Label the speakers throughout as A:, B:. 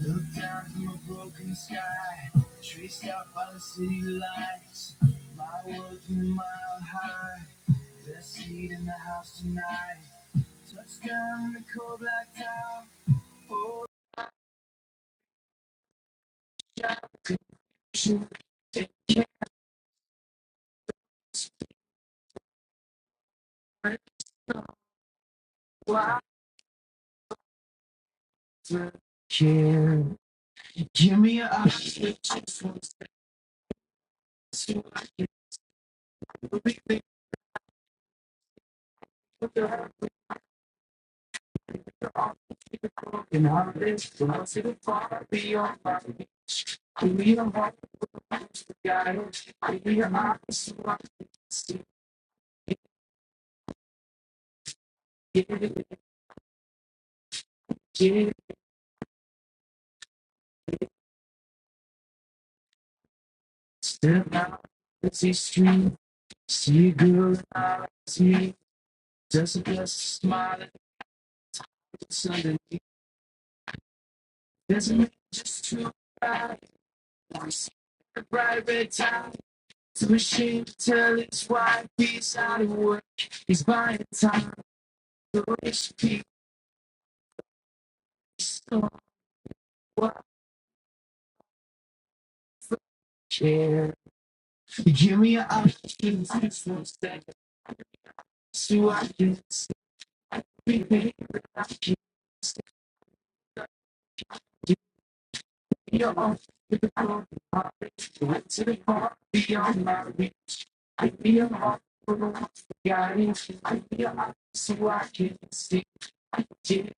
A: Look down from a broken sky, traced out by the city lights. My world through a mile high, best seat in the house tonight. Touchdown in the cold black town. Why? Cheer. Give me your eyes, believe me, put your broken heart is close to the far beyond my feet. Give me your heart, guys. Give me your eyes, so I can see. Give it a Step out, let's see street. See a girl, see doesn't just smile at the sun doesn't mean just too bright. I see a bright red tie. It's a machine to tell his wife he's out of work. He's buying time. The rich people so what for care. You give me an option to step so I can stop behaving like you. beyond physical knowledge, went to the heart beyond marriage. I feel heart for the lost guiding. I feel I so I can see. I did,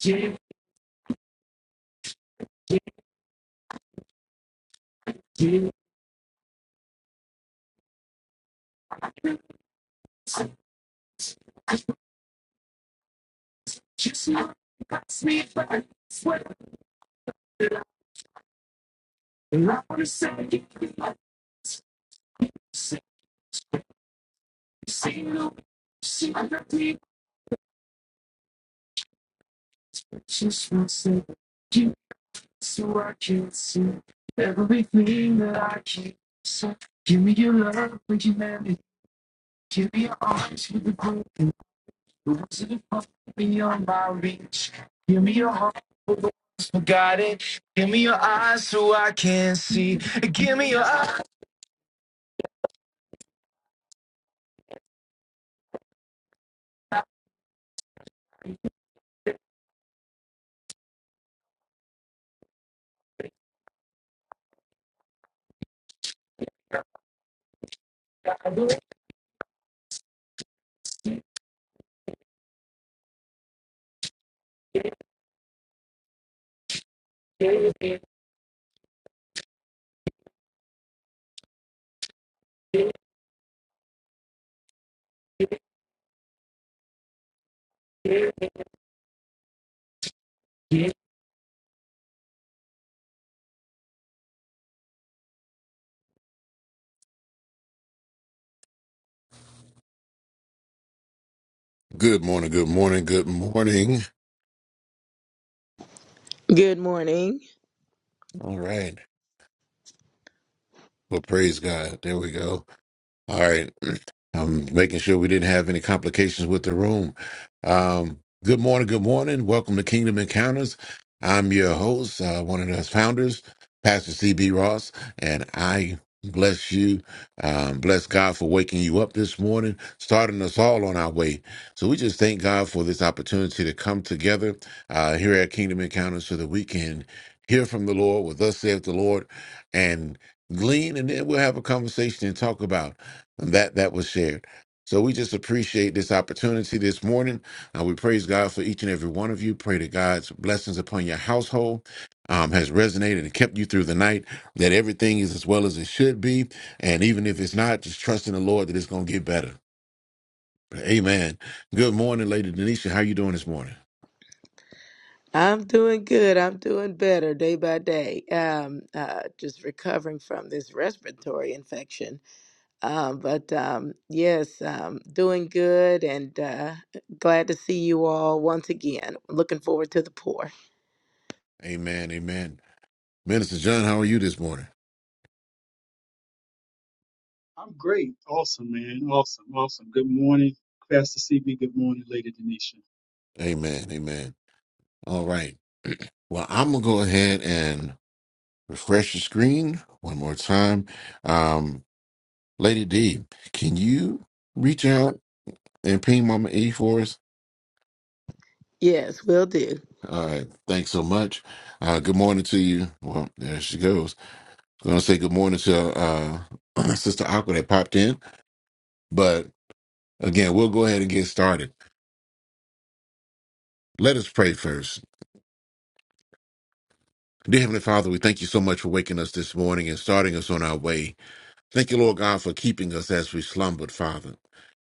A: did, did, did. I just know it got me back. I swear that I, and I wanna say it because I see, see, no, see, I got me. I just want to say you so I can see everything that I can. So give me your love, bring Give me your arms, you the queen. It wasn't supposed to my reach. Give me your heart for the ones forgotten. Give me your eyes so I can see. Give me your eyes. Yeah. Good morning, good morning, good morning.
B: Good morning.
A: All right. Well, praise God. There we go. All right. I'm making sure we didn't have any complications with the room. Um, good morning, good morning. Welcome to Kingdom Encounters. I'm your host, uh, one of the founders, Pastor CB Ross, and I bless you. Um, bless God for waking you up this morning, starting us all on our way. So we just thank God for this opportunity to come together uh, here at Kingdom Encounters so that we can hear from the Lord, with us saith the Lord, and glean, and then we'll have a conversation and talk about and that that was shared. So we just appreciate this opportunity this morning. Uh, we praise God for each and every one of you. Pray that God's blessings upon your household um, has resonated and kept you through the night. That everything is as well as it should be, and even if it's not, just trust in the Lord that it's going to get better. Amen. Good morning, Lady Denisha. How you doing this morning?
B: I'm doing good. I'm doing better day by day. Um, uh, just recovering from this respiratory infection. Um, but um, yes, um, doing good and uh, glad to see you all once again. Looking forward to the pour.
A: Amen. Amen. Minister John, how are you this morning?
C: I'm great. Awesome, man. Awesome, awesome. Good morning, Pastor CB. Good morning, Lady Denisha.
A: Amen. Amen. All right. Well, I'm gonna go ahead and refresh the screen one more time. Um, Lady D, can you reach out and ping Mama E for us?
B: Yes, will do.
A: All right, thanks so much. Uh, good morning to you. Well, there she goes. I'm gonna say good morning to uh, Sister Aqua that popped in, but again, we'll go ahead and get started. Let us pray first. Dear Heavenly Father, we thank you so much for waking us this morning and starting us on our way. Thank you, Lord God, for keeping us as we slumbered, Father.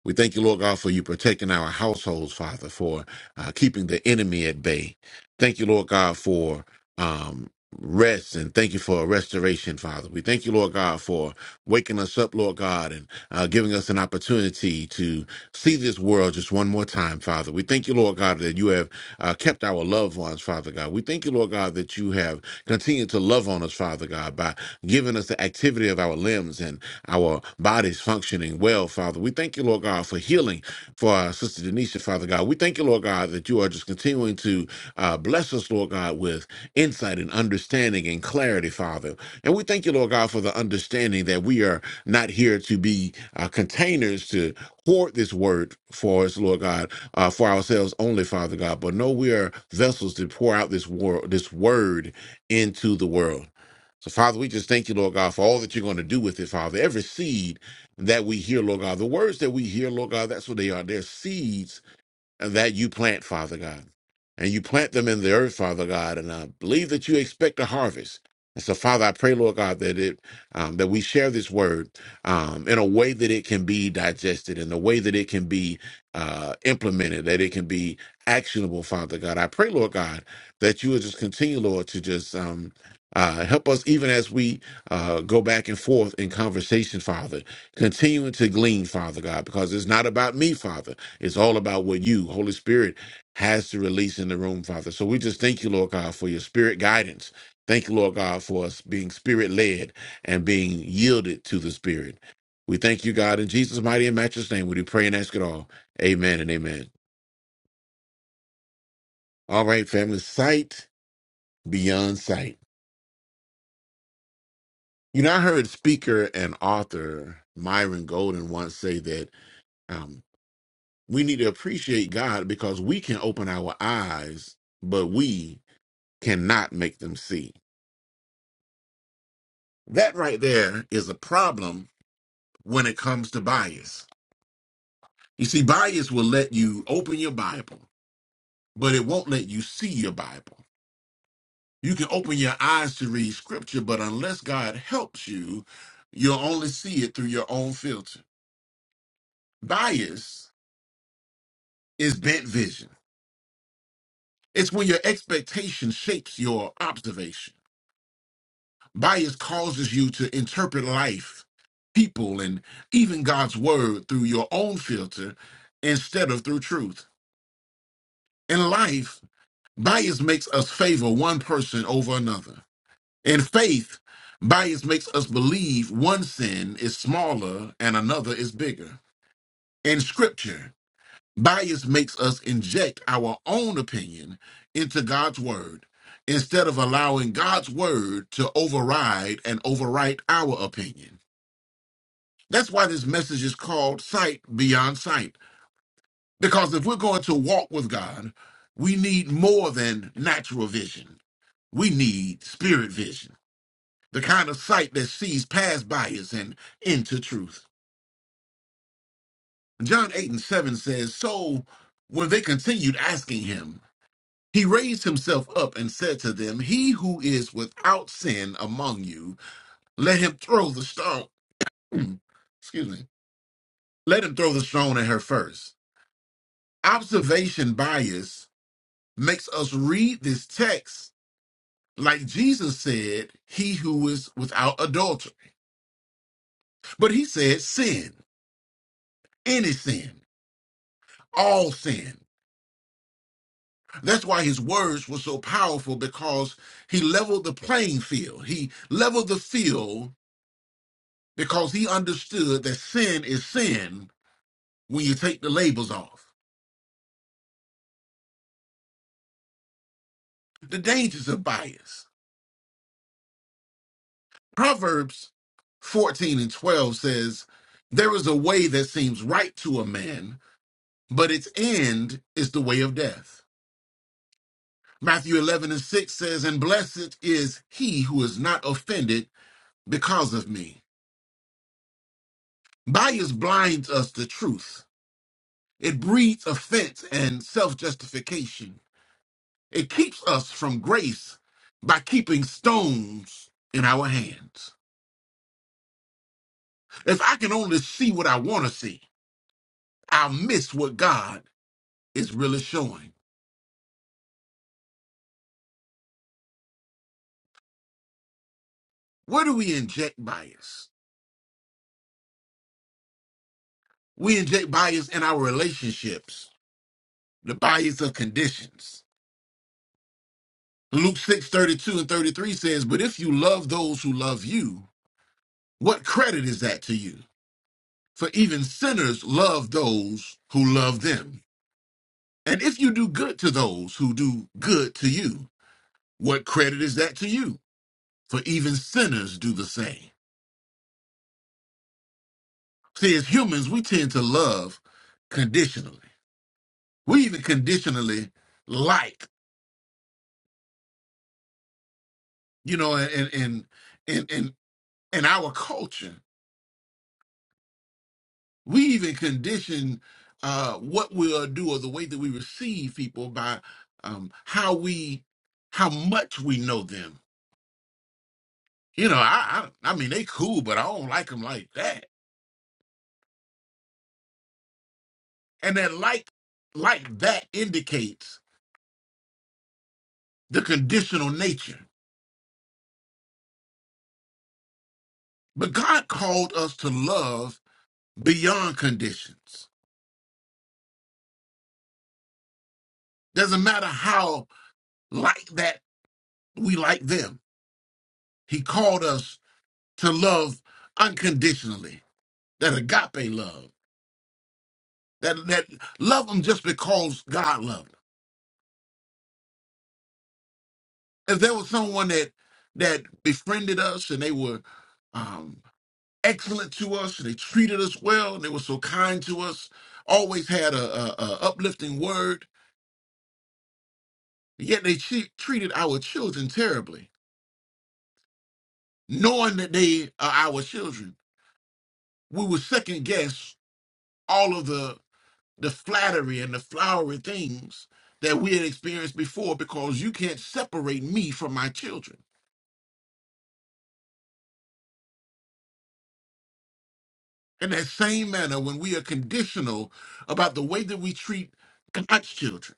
A: We thank you, Lord God, for you protecting our households, Father, for uh, keeping the enemy at bay. Thank you, Lord God, for um, rest and thank you for restoration, Father. We thank you, Lord God, for waking us up, Lord God, and uh, giving us an opportunity to see this world just one more time, Father. We thank you, Lord God, that you have uh, kept our loved ones, Father God. We thank you, Lord God, that you have Continue to love on us, Father God, by giving us the activity of our limbs and our bodies functioning well, Father. We thank you, Lord God, for healing for our sister Denisha, Father God. We thank you, Lord God, that you are just continuing to uh, bless us, Lord God, with insight and understanding and clarity, Father. And we thank you, Lord God, for the understanding that we are not here to be uh, containers to hoard this word for us, Lord God, uh, for ourselves only, Father God. But no, we are vessels to pour out this word, this word into the world. So, Father, we just thank you, Lord God, for all that you're going to do with it, Father. Every seed that we hear, Lord God, the words that we hear, Lord God, that's what they are. They're seeds and that you plant, Father God. And you plant them in the earth, Father God. And I believe that you expect a harvest. And so, Father, I pray, Lord God, that it um, that we share this word um, in a way that it can be digested, in a way that it can be uh, implemented, that it can be actionable, Father God. I pray, Lord God, that you will just continue, Lord, to just um, uh, help us even as we uh, go back and forth in conversation, Father, continuing to glean, Father God, because it's not about me, Father. It's all about what you, Holy Spirit, has to release in the room, Father. So we just thank you, Lord God, for your spirit guidance. Thank you, Lord God, for us being spirit led and being yielded to the Spirit. We thank you, God, in Jesus' mighty and matchless name. We do pray and ask it all. Amen and amen. All right, family, sight beyond sight. You know, I heard speaker and author Myron Golden once say that um, we need to appreciate God because we can open our eyes, but we cannot make them see. That right there is a problem when it comes to bias. You see, bias will let you open your Bible, but it won't let you see your Bible. You can open your eyes to read scripture, but unless God helps you, you'll only see it through your own filter. Bias is bent vision, it's when your expectation shapes your observation. Bias causes you to interpret life, people, and even God's word through your own filter instead of through truth. In life, bias makes us favor one person over another. In faith, bias makes us believe one sin is smaller and another is bigger. In scripture, bias makes us inject our own opinion into God's word instead of allowing God's word to override and overwrite our opinion. That's why this message is called Sight Beyond Sight. Because if we're going to walk with God, we need more than natural vision. We need spirit vision, the kind of sight that sees past bias and into truth. John 8 and 7 says, So when they continued asking him, he raised himself up and said to them, 'He who is without sin among you, let him throw the stone. Excuse me. Let him throw the stone at her first. Observation bias makes us read this text like Jesus said, He who is without adultery. But he said, sin, any sin, all sin. That's why his words were so powerful because he leveled the playing field. He leveled the field because he understood that sin is sin when you take the labels off. The dangers of bias. Proverbs 14 and 12 says, There is a way that seems right to a man but its end is the way of death. Matthew 11 and 6 says, And blessed is he who is not offended because of me. Bias blinds us to truth, it breeds offense and self justification. It keeps us from grace by keeping stones in our hands. If I can only see what I want to see, I'll miss what God is really showing. Where do we inject bias? We inject bias in our relationships the bias of conditions. Luke 6 32 and 33 says, But if you love those who love you, what credit is that to you? For even sinners love those who love them. And if you do good to those who do good to you, what credit is that to you? For even sinners do the same. See, as humans, we tend to love conditionally. We even conditionally like, you know, in in in in in our culture We even condition uh, what we'll do or the way that we receive people by um, how we, how much we know them. You know, I, I, I mean, they cool, but I don't like them like that. And that like, like that indicates the conditional nature. But God called us to love beyond conditions. Doesn't matter how like that we like them. He called us to love unconditionally, that agape love. that that loved them just because God loved them. If there was someone that that befriended us and they were um, excellent to us and they treated us well and they were so kind to us, always had a, a, a uplifting word, yet they che- treated our children terribly, knowing that they are our children. We would second guess all of the the flattery and the flowery things that we had experienced before because you can't separate me from my children In that same manner, when we are conditional about the way that we treat God's children,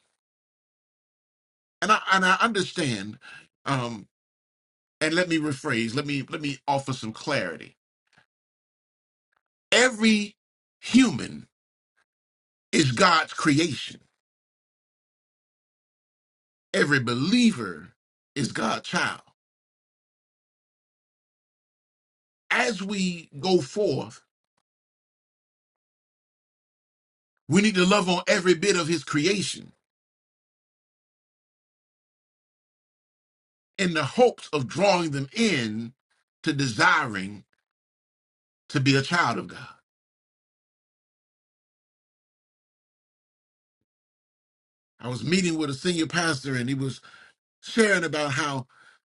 A: and I and I understand, um, and let me rephrase, let me let me offer some clarity. Every human is God's creation. Every believer is God's child. As we go forth, we need to love on every bit of His creation in the hopes of drawing them in to desiring to be a child of God. I was meeting with a senior pastor, and he was sharing about how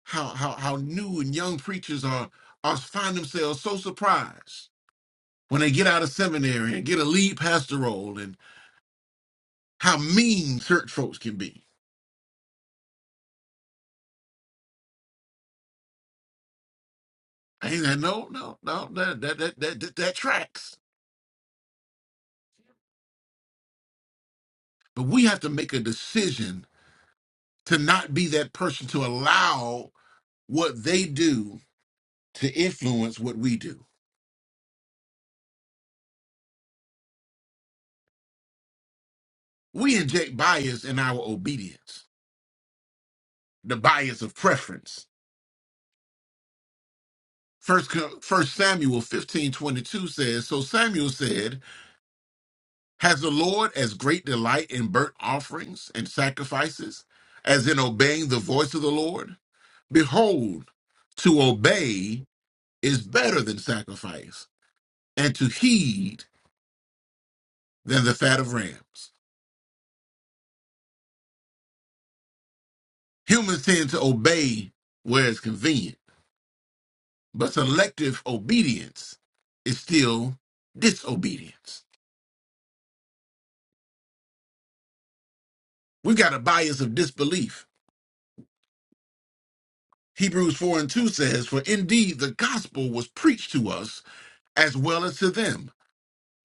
A: how how how new and young preachers are are find themselves so surprised when they get out of seminary and get a lead pastor role and how mean church folks can be. I ain't that no no no that that that that, that, that tracks. But we have to make a decision to not be that person to allow what they do to influence what we do. We inject bias in our obedience, the bias of preference First, First Samuel fifteen twenty two says, So Samuel said, Has the Lord as great delight in burnt offerings and sacrifices as in obeying the voice of the Lord? Behold, to obey is better than sacrifice, and to heed than the fat of rams. Humans tend to obey where it's convenient, but selective obedience is still disobedience. We've got a bias of disbelief Hebrews 4 and 2 says, For indeed the gospel was preached to us as well as to them,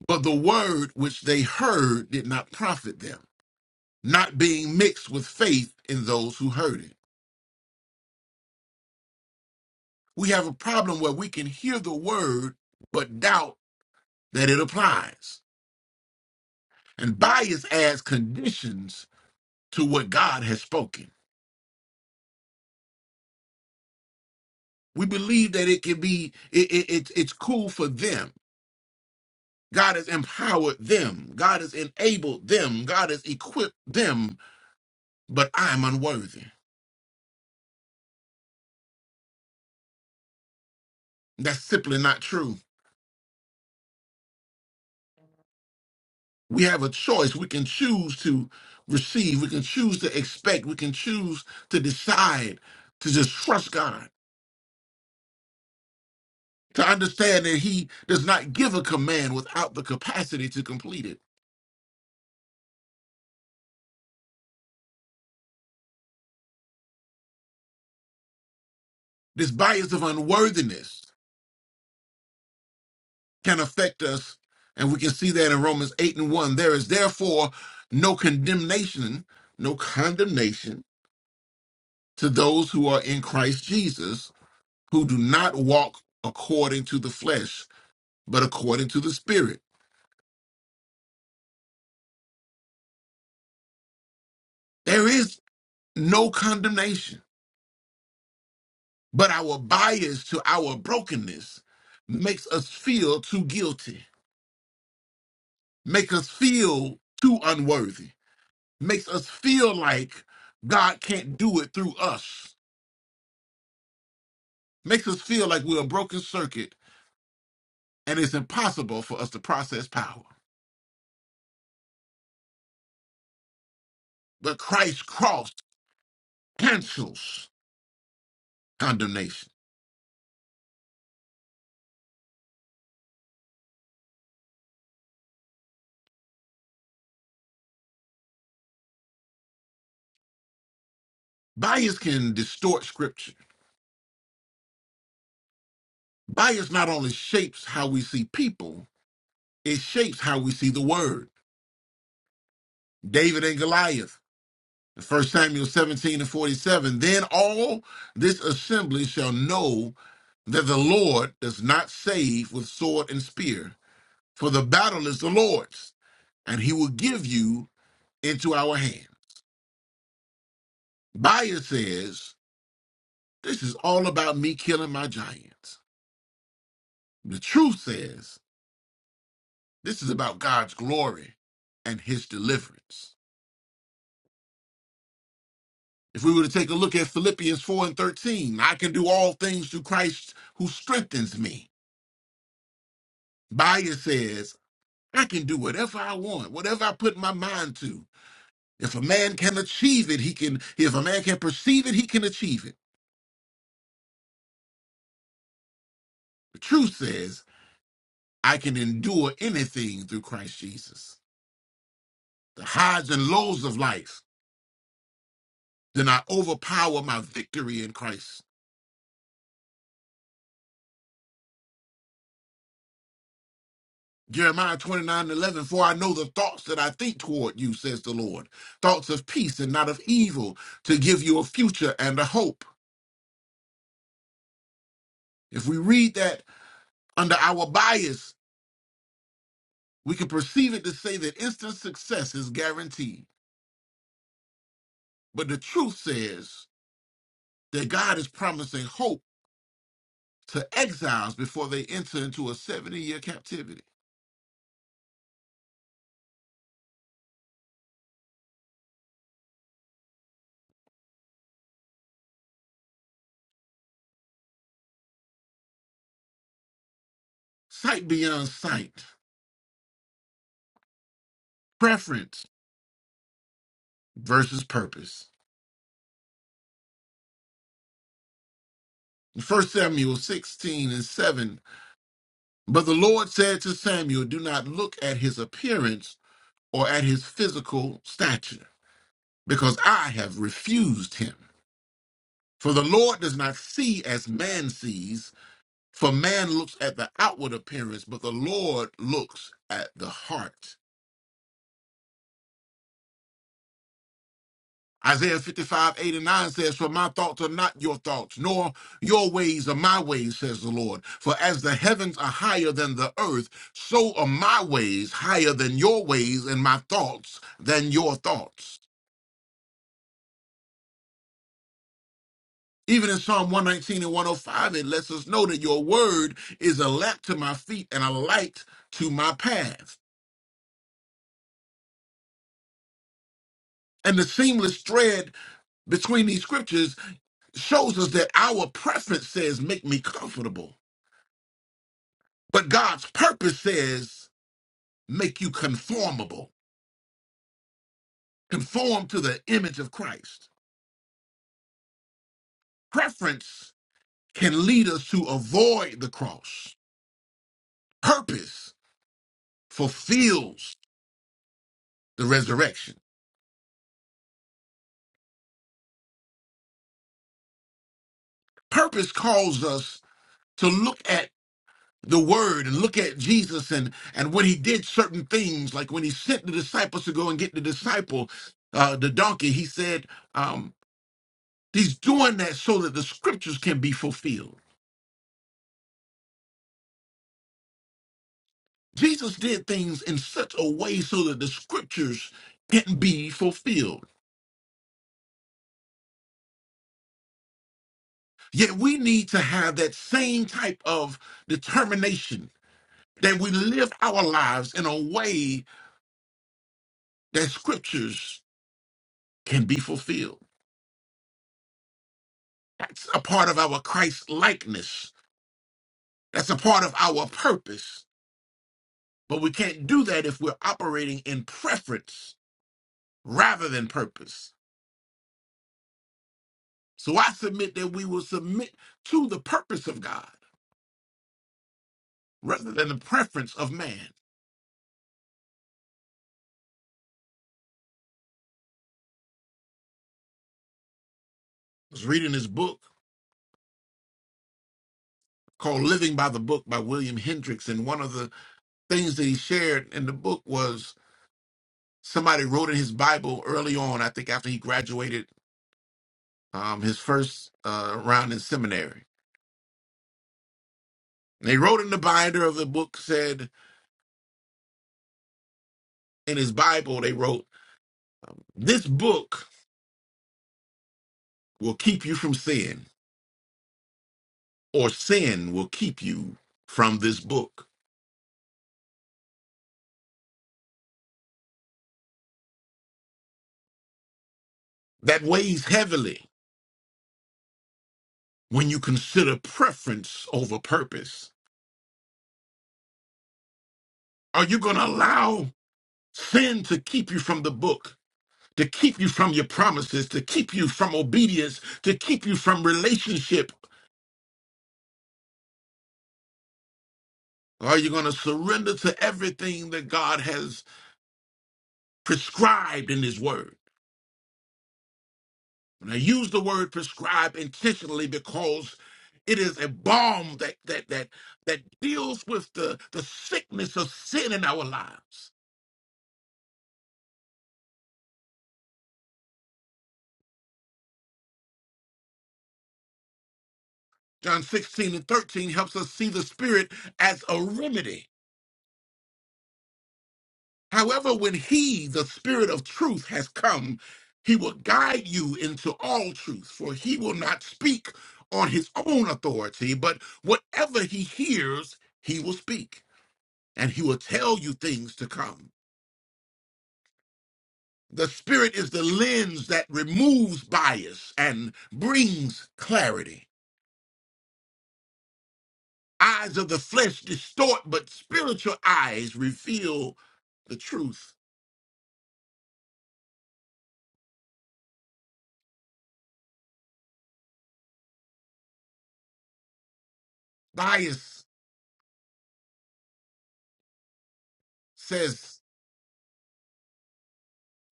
A: but the word which they heard did not profit them, not being mixed with faith in those who heard it. We have a problem where we can hear the word but doubt that it applies. And bias adds conditions to what God has spoken. We believe that it can be, it, it, it's it's cool for them. God has empowered them. God has enabled them. God has equipped them but I'm unworthy. That's simply not true. We have a choice. We can choose to receive, we can choose to expect, we can choose to decide to just trust God, to understand that He does not give a command without the capacity to complete it. This bias of unworthiness can affect us, and we can see that in Romans 8 and 1. There is therefore no condemnation, no condemnation to those who are in Christ Jesus who do not walk according to the flesh, but according to the Spirit. There is no condemnation, but our bias to our brokenness makes us feel too guilty, makes us feel too unworthy, makes us feel like God can't do it through us, makes us feel like we're a broken circuit and it's impossible for us to process power. But Christ's cross cancels condemnation. Bias can distort scripture Bias not only shapes how we see people, it shapes how we see the word. David and Goliath, First Samuel 17 and 47. Then all this assembly shall know that the Lord does not save with sword and spear, for the battle is the Lord's, and he will give you into our hand. Bias says, This is all about me killing my giants. The truth says, This is about God's glory and his deliverance. If we were to take a look at Philippians 4 and 13, I can do all things through Christ who strengthens me. Bias says, I can do whatever I want, whatever I put my mind to. If a man can achieve it, he can, if a man can perceive it, he can achieve it. The truth says, I can endure anything through Christ Jesus. The highs and lows of life do not overpower my victory in Christ. Jeremiah 29 and 11, for I know the thoughts that I think toward you, says the Lord, thoughts of peace and not of evil, to give you a future and a hope. If we read that under our bias, we can perceive it to say that instant success is guaranteed. But the truth says that God is promising hope to exiles before they enter into a 70 year captivity. Sight beyond sight, preference versus purpose. First Samuel 16 and 7 But the Lord said to Samuel, Do not look at his appearance or at his physical stature, because I have refused him. For the Lord does not see as man sees, for man looks at the outward appearance, but the Lord looks at the heart. Isaiah 55, 8 and 9 says, For my thoughts are not your thoughts, nor your ways are my ways, says the Lord. For as the heavens are higher than the earth, so are my ways higher than your ways, and my thoughts than your thoughts. Even in Psalm 119 and 105, it lets us know that your word is a lamp to my feet and a light to my path. And the seamless thread between these scriptures shows us that our preference says, Make me comfortable. But God's purpose says, make you conformable, conform to the image of Christ. Preference can lead us to avoid the cross. Purpose fulfills the resurrection. Purpose calls us to look at the word and look at Jesus and, and when he did certain things, like when he sent the disciples to go and get the disciple, uh, the donkey, he said, um, he's doing that so that the scriptures can be fulfilled. Jesus did things in such a way so that the scriptures can be fulfilled. Yet we need to have that same type of determination that we live our lives in a way that scriptures can be fulfilled. That's a part of our Christ likeness. That's a part of our purpose. But we can't do that if we're operating in preference rather than purpose. So I submit that we will submit to the purpose of God rather than the preference of man. was reading his book called Living by the Book by William Hendricks. And one of the things that he shared in the book was somebody wrote in his Bible early on, I think after he graduated um, his first uh, round in seminary. And they wrote in the binder of the book, said in his Bible, they wrote, This book will keep you from sin, or sin will keep you from this book. That weighs heavily when you consider preference over purpose. Are you going to allow Sin to keep you from the book, to keep you from your promises, to keep you from obedience, to keep you from relationship. Are you going to surrender to everything that God has prescribed in His Word? And I use the word prescribe intentionally because it is a balm that that that that deals with the, the sickness of sin in our lives. John 16 and 13 helps us see the Spirit as a remedy However, when he, the spirit of truth, has come, he will guide you into all truth, for he will not speak on his own authority, but whatever he hears, he will speak, and he will tell you things to come. The spirit is the lens that removes bias and brings clarity. Eyes of the flesh distort, but spiritual eyes reveal the truth. Bias says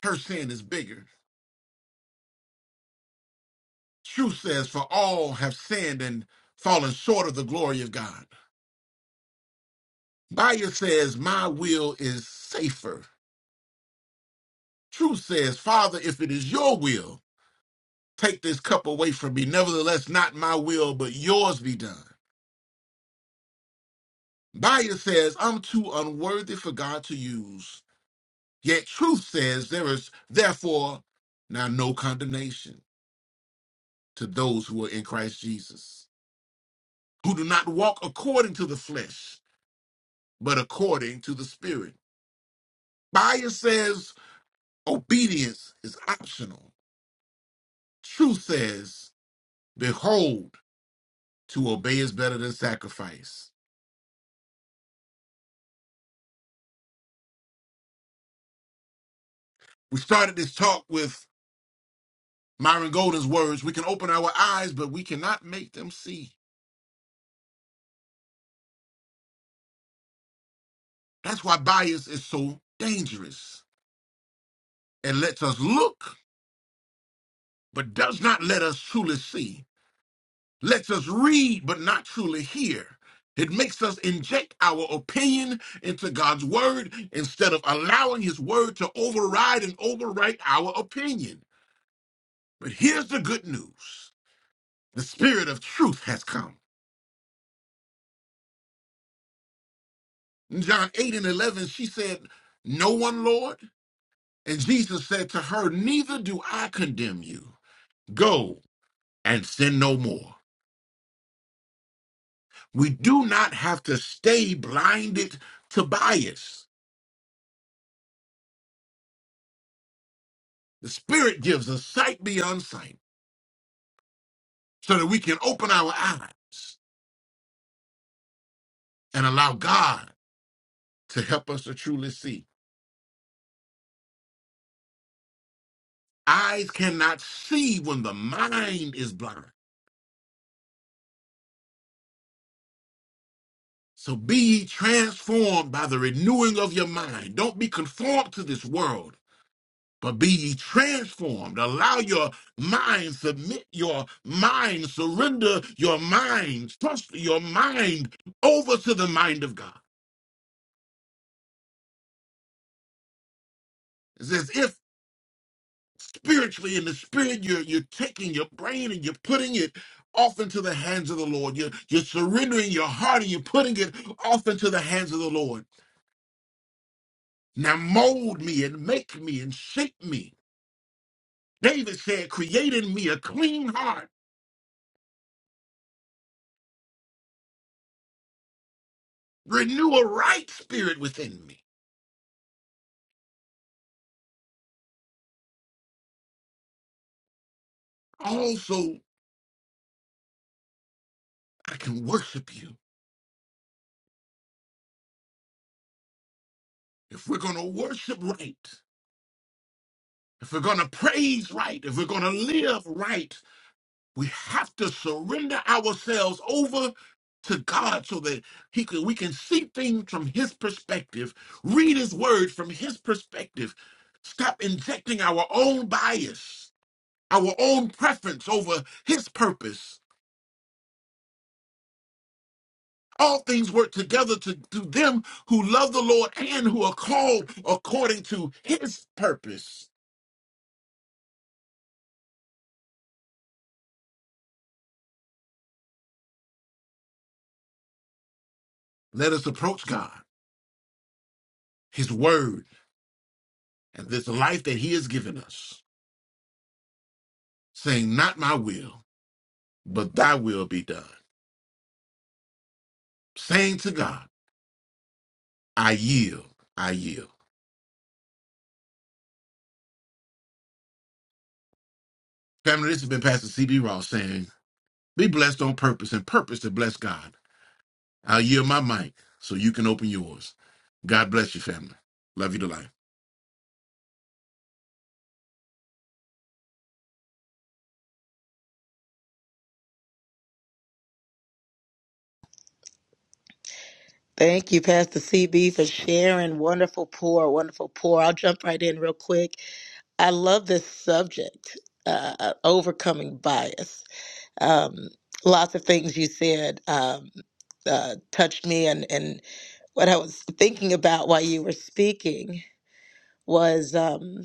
A: her sin is bigger Truth says, For all have sinned and fallen short of the glory of God. Bias says, My will is safer. Truth says, Father, if it is your will, take this cup away from me. Nevertheless, not my will, but yours be done. Bias says, I'm too unworthy for God to use. Yet truth says, There is therefore now no condemnation to those who are in Christ Jesus, who do not walk according to the flesh, but according to the Spirit. Bias says obedience is optional. Truth says, behold, to obey is better than sacrifice. We started this talk with Myron Golden's words we can open our eyes, but we cannot make them see. That's why bias is so dangerous. It lets us look, but does not let us truly see. lets us read but not truly hear. It makes us inject our opinion into God's word instead of allowing his word to override and overwrite our opinion. But here's the good news the spirit of truth has come. In John 8 and 11, she said, No one, Lord. And Jesus said to her, Neither do I condemn you. Go and sin no more. We do not have to stay blinded to bias. The Spirit gives us sight beyond sight so that we can open our eyes and allow God to help us to truly see. Eyes cannot see when the mind is blind. So be ye transformed by the renewing of your mind. Don't be conformed to this world, but be ye transformed. Allow your mind, submit your mind, surrender your mind, trust your mind over to the mind of God. spiritually in the spirit you're you're taking your brain and you're putting it off into the hands of the lord you're, you're surrendering your heart and you're putting it off into the hands of the lord now mold me and make me and shape me david said create in me a clean heart renew a right spirit within me also i can worship you if we're going to worship right if we're going to praise right if we're going to live right We have to surrender ourselves over to God so that he can, we can see things from his perspective, read his word from his perspective, stop injecting our own bias, our own preference over his purpose. All things work together to, to them who love the Lord and who are called according to his purpose. Let us approach God, his word, and this life that he has given us, saying, Not my will. but thy will be done. Saying to God, I yield, I yield. Family, this has been Pastor CB Ross saying, be blessed on purpose and purpose to bless God. I'll yield my mic so you can open yours. God bless you, family. Love you to life.
B: Thank you, Pastor CB, for sharing. Wonderful pour, wonderful pour. I'll jump right in real quick. I love this subject, uh, uh, overcoming bias Um, lots of things you said um, uh, touched me, and and what I was thinking about while you were speaking was um,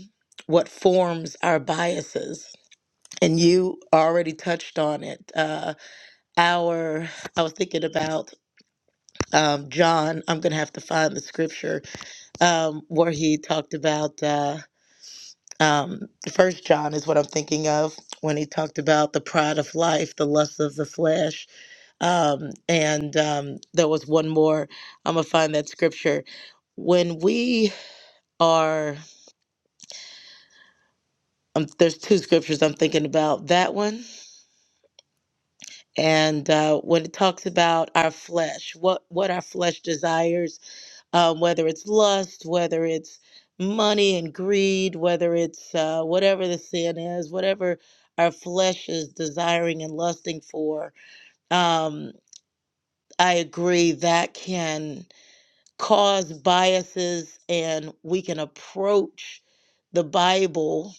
B: what forms our biases. And you already touched on it. Uh, our, I was thinking about um, John. I'm going to have to find the scripture um, where he talked about uh, um, First John is what I'm thinking of when he talked about the pride of life, the lust of the flesh, Um, and um, there was one more. I'm gonna find that scripture. When we are, um, there's two scriptures I'm thinking about. That one, and uh, when it talks about our flesh, what what our flesh desires, um, whether it's lust, whether it's money and greed, whether it's uh, whatever the sin is, whatever our flesh is desiring and lusting for. Um, I agree that can. cause biases and we can approach the bible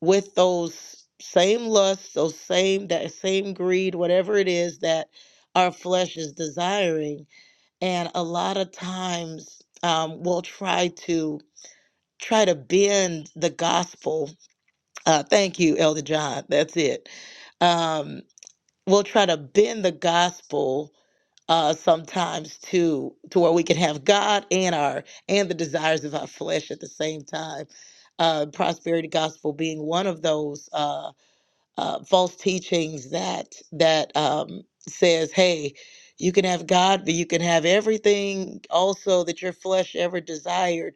B: with those same lusts those same that same greed whatever it is that our flesh is desiring and a lot of times um, we'll try to try to bend the gospel uh, thank you elder john that's it Um we'll try to bend the gospel uh, sometimes to to where we can have God and our and the desires of our flesh at the same time. Uh, prosperity gospel being one of those uh, uh, false teachings that that um, says, "Hey, you can have God, but you can have everything also that your flesh ever desired."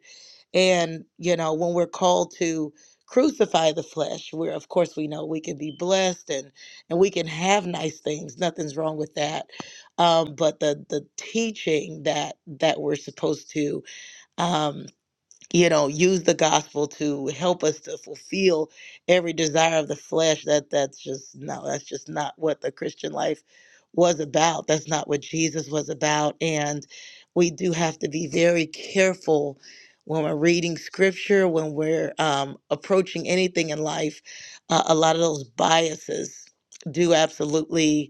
B: And, you know, when we're called to crucify the flesh, we're, of course, we know we can be blessed and, and we can have nice things. Nothing's wrong with that. Um, but the, the teaching that, that we're supposed to, um, you know use the gospel to help us to fulfill every desire of the flesh that that's just no that's just not what the christian life was about that's not what jesus was about and we do have to be very careful when we're reading scripture when we're um, approaching anything in life uh, a lot of those biases do absolutely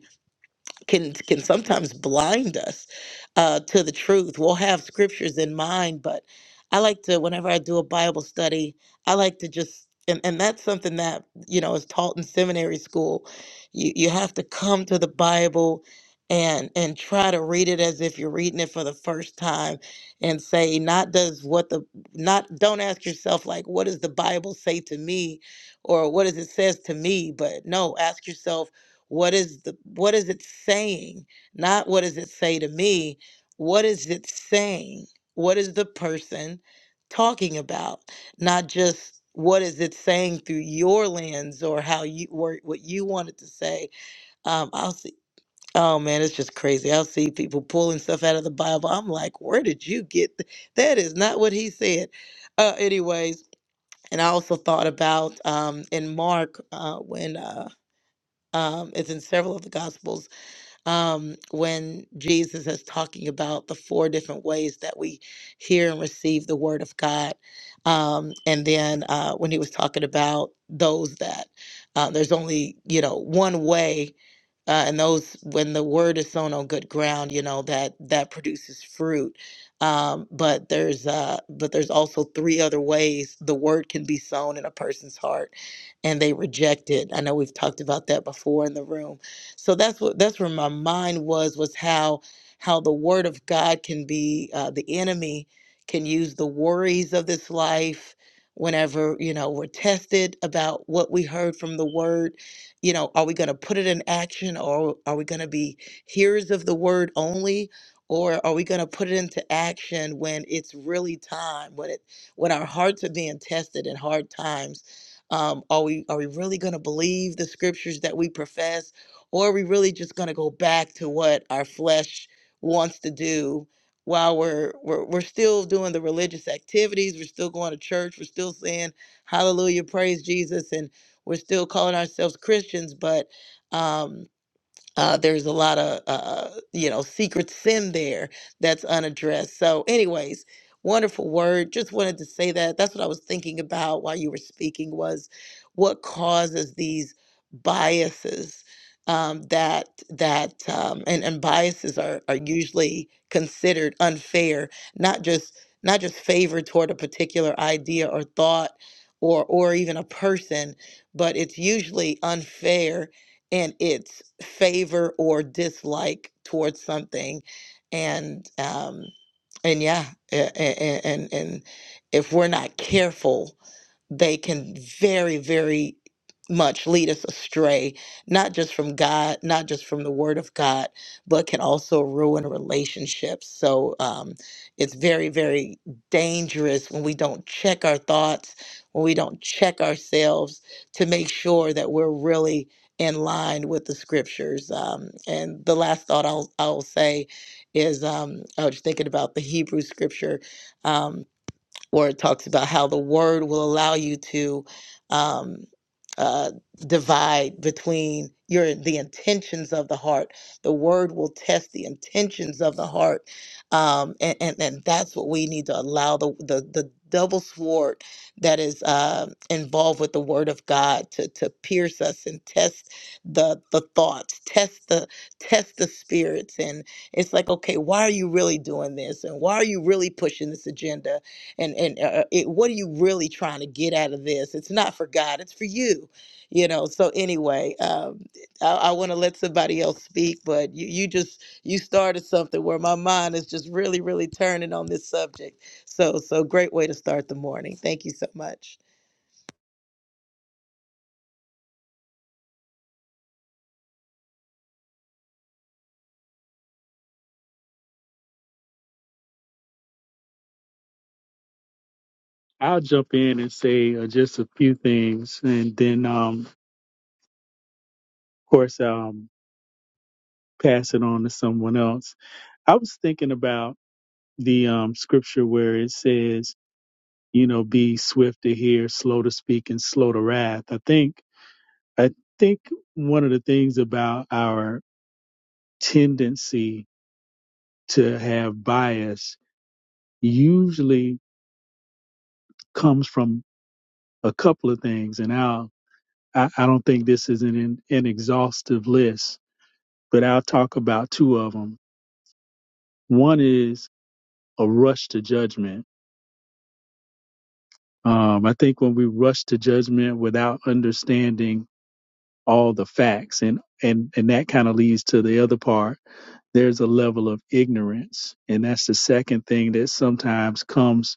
B: can can sometimes blind us uh, to the truth. We'll have scriptures in mind, but I like to whenever I do a Bible study, I like to just and, and that's something that you know is taught in seminary school. You you have to come to the Bible and and try to read it as if you're reading it for the first time and say not does what the not don't ask yourself like what does the bible say to me or what does it says to me but no ask yourself what is the what is it saying not what does it say to me what is it saying what is the person talking about not just what is it saying through your lens or how you or what you wanted to say um i'll see oh man it's just crazy i'll see people pulling stuff out of the bible i'm like where did you get th- that is not what he said uh anyways and i also thought about um in mark uh when uh um, it's in several of the gospels um, when Jesus is talking about the four different ways that we hear and receive the word of God. Um, and then uh, when he was talking about those that uh, there's only, you know, one way uh, and those when the word is sown on good ground you know that that produces fruit um, but there's uh, but there's also three other ways the word can be sown in a person's heart and they reject it i know we've talked about that before in the room so that's what that's where my mind was was how how the word of god can be uh, the enemy can use the worries of this life whenever you know we're tested about what we heard from the word you know are we going to put it in action or are we going to be hearers of the word only or are we going to put it into action when it's really time when it when our hearts are being tested in hard times um, are we are we really going to believe the scriptures that we profess or are we really just going to go back to what our flesh wants to do while we're, we're we're still doing the religious activities we're still going to church we're still saying hallelujah praise jesus and we're still calling ourselves Christians, but um, uh, there's a lot of uh, you know secret sin there that's unaddressed. So, anyways, wonderful word. Just wanted to say that. That's what I was thinking about while you were speaking was what causes these biases um, that that um, and and biases are are usually considered unfair, not just not just favor toward a particular idea or thought or or even a person, but it's usually unfair in its favor or dislike towards something and um and yeah and and, and if we're not careful they can very very much lead us astray not just from god not just from the word of god but can also ruin relationships so um, it's very very dangerous when we don't check our thoughts when we don't check ourselves to make sure that we're really in line with the scriptures. Um, and the last thought I'll I'll say is um, I was thinking about the Hebrew scripture. Um, where it talks about how the word will allow you to um, uh, divide between your the intentions of the heart. The word will test the intentions of the heart, um, and, and and that's what we need to allow the the, the double sword that is uh, involved with the word of God to to pierce us and test the the thoughts, test the test the spirits, and it's like okay, why are you really doing this, and why are you really pushing this agenda? and and uh, uh, it, what are you really trying to get out of this it's not for god it's for you you know so anyway um, i, I want to let somebody else speak but you, you just you started something where my mind is just really really turning on this subject so so great way to start the morning thank you so much
C: I'll jump in and say uh, just a few things, and then, um, of course, um, pass it on to someone else. I was thinking about the um, scripture where it says, "You know, be swift to hear, slow to speak, and slow to wrath." I think, I think one of the things about our tendency to have bias usually comes from a couple of things, and I'll I, I don't think this is an an exhaustive list, but I'll talk about two of them. One is a rush to judgment. Um, I think when we rush to judgment without understanding all the facts, and and and that kind of leads to the other part. There's a level of ignorance, and that's the second thing that sometimes comes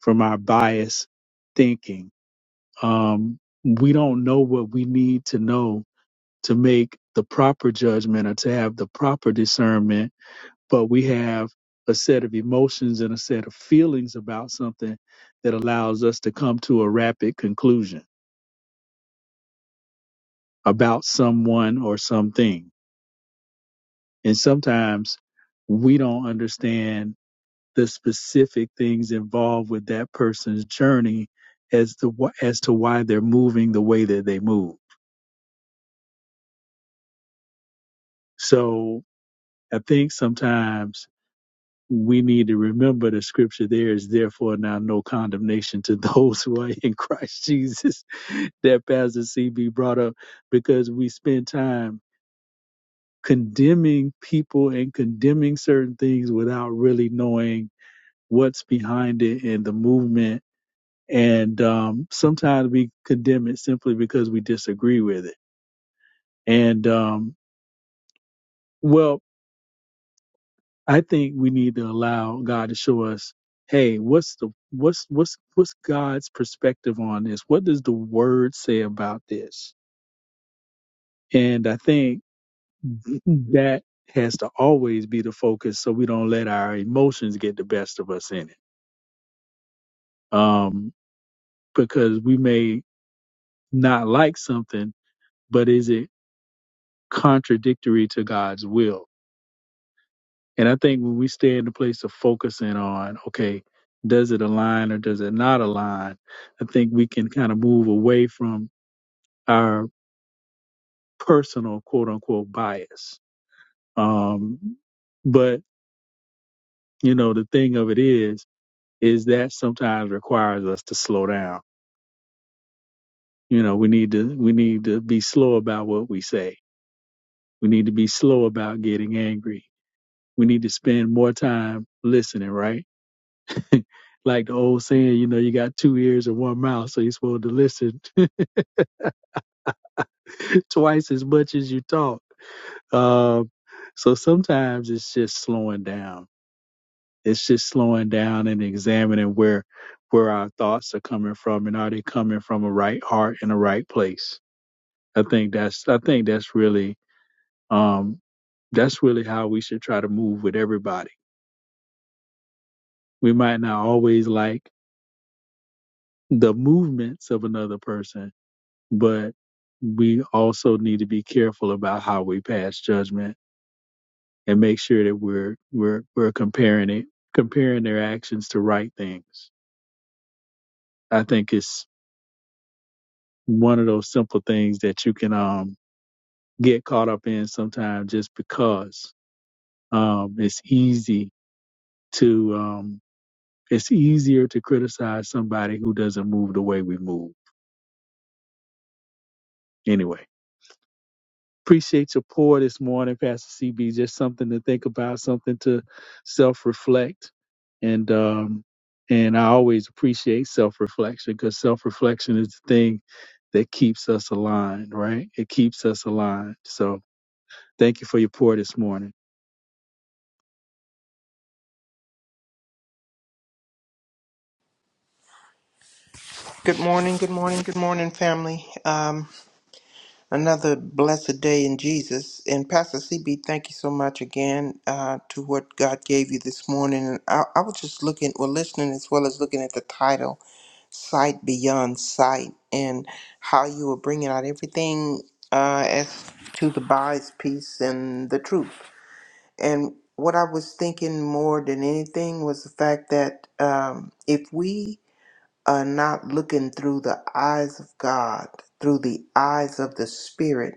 C: from our bias thinking. Um, we don't know what we need to know to make the proper judgment or to have the proper discernment, but we have a set of emotions and a set of feelings about something that allows us to come to a rapid conclusion about someone or something. And sometimes we don't understand the specific things involved with that person's journey as to wh- as to why they're moving the way that they move. So I think sometimes we need to remember the scripture there is therefore now no condemnation to those who are in Christ Jesus that Pastor CB brought up because we spend time condemning people and condemning certain things without really knowing what's behind it and the movement. And um, sometimes we condemn it simply because we disagree with it. And um, well, I think we need to allow God to show us, hey, what's the what's what's what's God's perspective on this? What does the word say about this? And I think that has to always be the focus so we don't let our emotions get the best of us in it. Um, because we may not like something, but is it contradictory to God's will? And I think when we stay in the place of focusing on, okay, does it align or does it not align? I think we can kind of move away from our personal quote unquote bias. Um, but, you know, the thing of it is, is that sometimes requires us to slow down. You know, we need to, we need to be slow about what we say. We need to be slow about getting angry. We need to spend more time listening, right? like the old saying, you know, you got two ears and one mouth, so you're supposed to listen twice as much as you talk. Um, so sometimes it's just slowing down. It's just slowing down and examining where where our thoughts are coming from and are they coming from a right heart in a right place. I think that's I think that's really um that's really how we should try to move with everybody. We might not always like the movements of another person, but we also need to be careful about how we pass judgment and make sure that we're we're we're comparing it comparing their actions to right things. I think it's one of those simple things that you can um get caught up in sometimes just because um it's easy to um it's easier to criticize somebody who doesn't move the way we move anyway. Appreciate your pour this morning, Pastor CB. Just something to think about, something to self reflect. And, um, and I always appreciate self reflection because self reflection is the thing that keeps us aligned, right? It keeps us aligned. So thank you for your pour this morning.
D: Good morning, good morning, good morning, family. Um, another blessed day in Jesus. And Pastor CB, thank you so much again uh, to what God gave you this morning. And I, I was just looking, well, listening as well as looking at the title, Sight Beyond Sight, and how you were bringing out everything uh, as to the bias piece and the truth. And what I was thinking more than anything was the fact that um, if we are not looking through the eyes of God, through the eyes of the Spirit,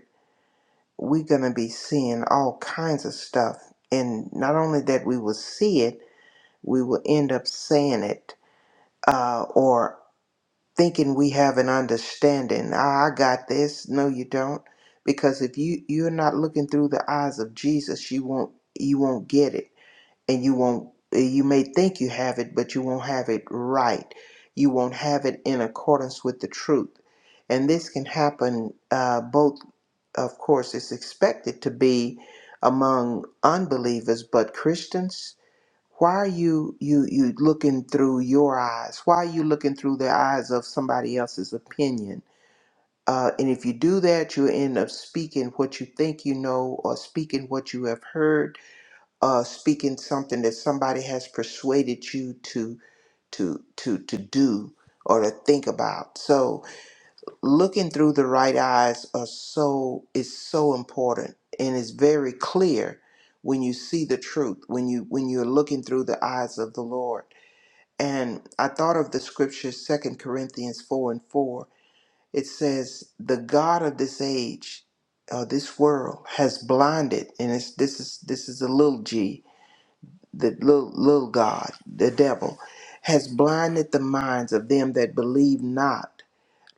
D: we're going to be seeing all kinds of stuff. And not only that we will see it, we will end up saying it uh, or thinking we have an understanding. Ah, I got this. No, you don't. Because if you, you're not looking through the eyes of Jesus, you won't you won't get it and you won't you may think you have it but you won't have it right you won't have it in accordance with the truth and this can happen uh, both of course it's expected to be among unbelievers but christians why are you you you looking through your eyes why are you looking through the eyes of somebody else's opinion uh, and if you do that you end up speaking what you think you know or speaking what you have heard uh, speaking something that somebody has persuaded you to to to to do or to think about. So looking through the right eyes are so is so important and it's very clear when you see the truth when you when you're looking through the eyes of the Lord. And I thought of the scripture Second Corinthians 4 and 4. It says, The God of this age, uh, this world, has blinded, and it's, this is this is a little g, the little, little god, the devil, has blinded the minds of them that believe not,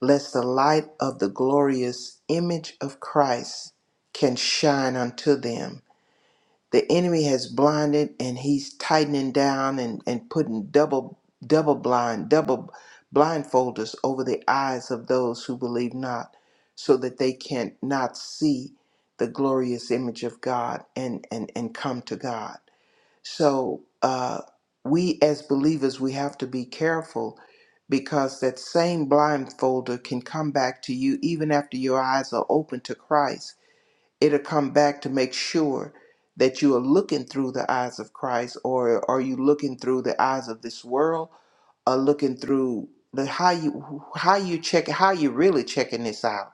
D: lest the light of the glorious image of Christ can shine unto them. The enemy has blinded and he's tightening down and, and putting double double blind, double blindfolders over the eyes of those who believe not, so that they can not see the glorious image of God and, and, and come to God. So uh, we as believers, we have to be careful because that same blindfolder can come back to you even after your eyes are open to Christ. It'll come back to make sure that you are looking through the eyes of Christ, or are you looking through the eyes of this world, or looking through the how you how you check how you really checking this out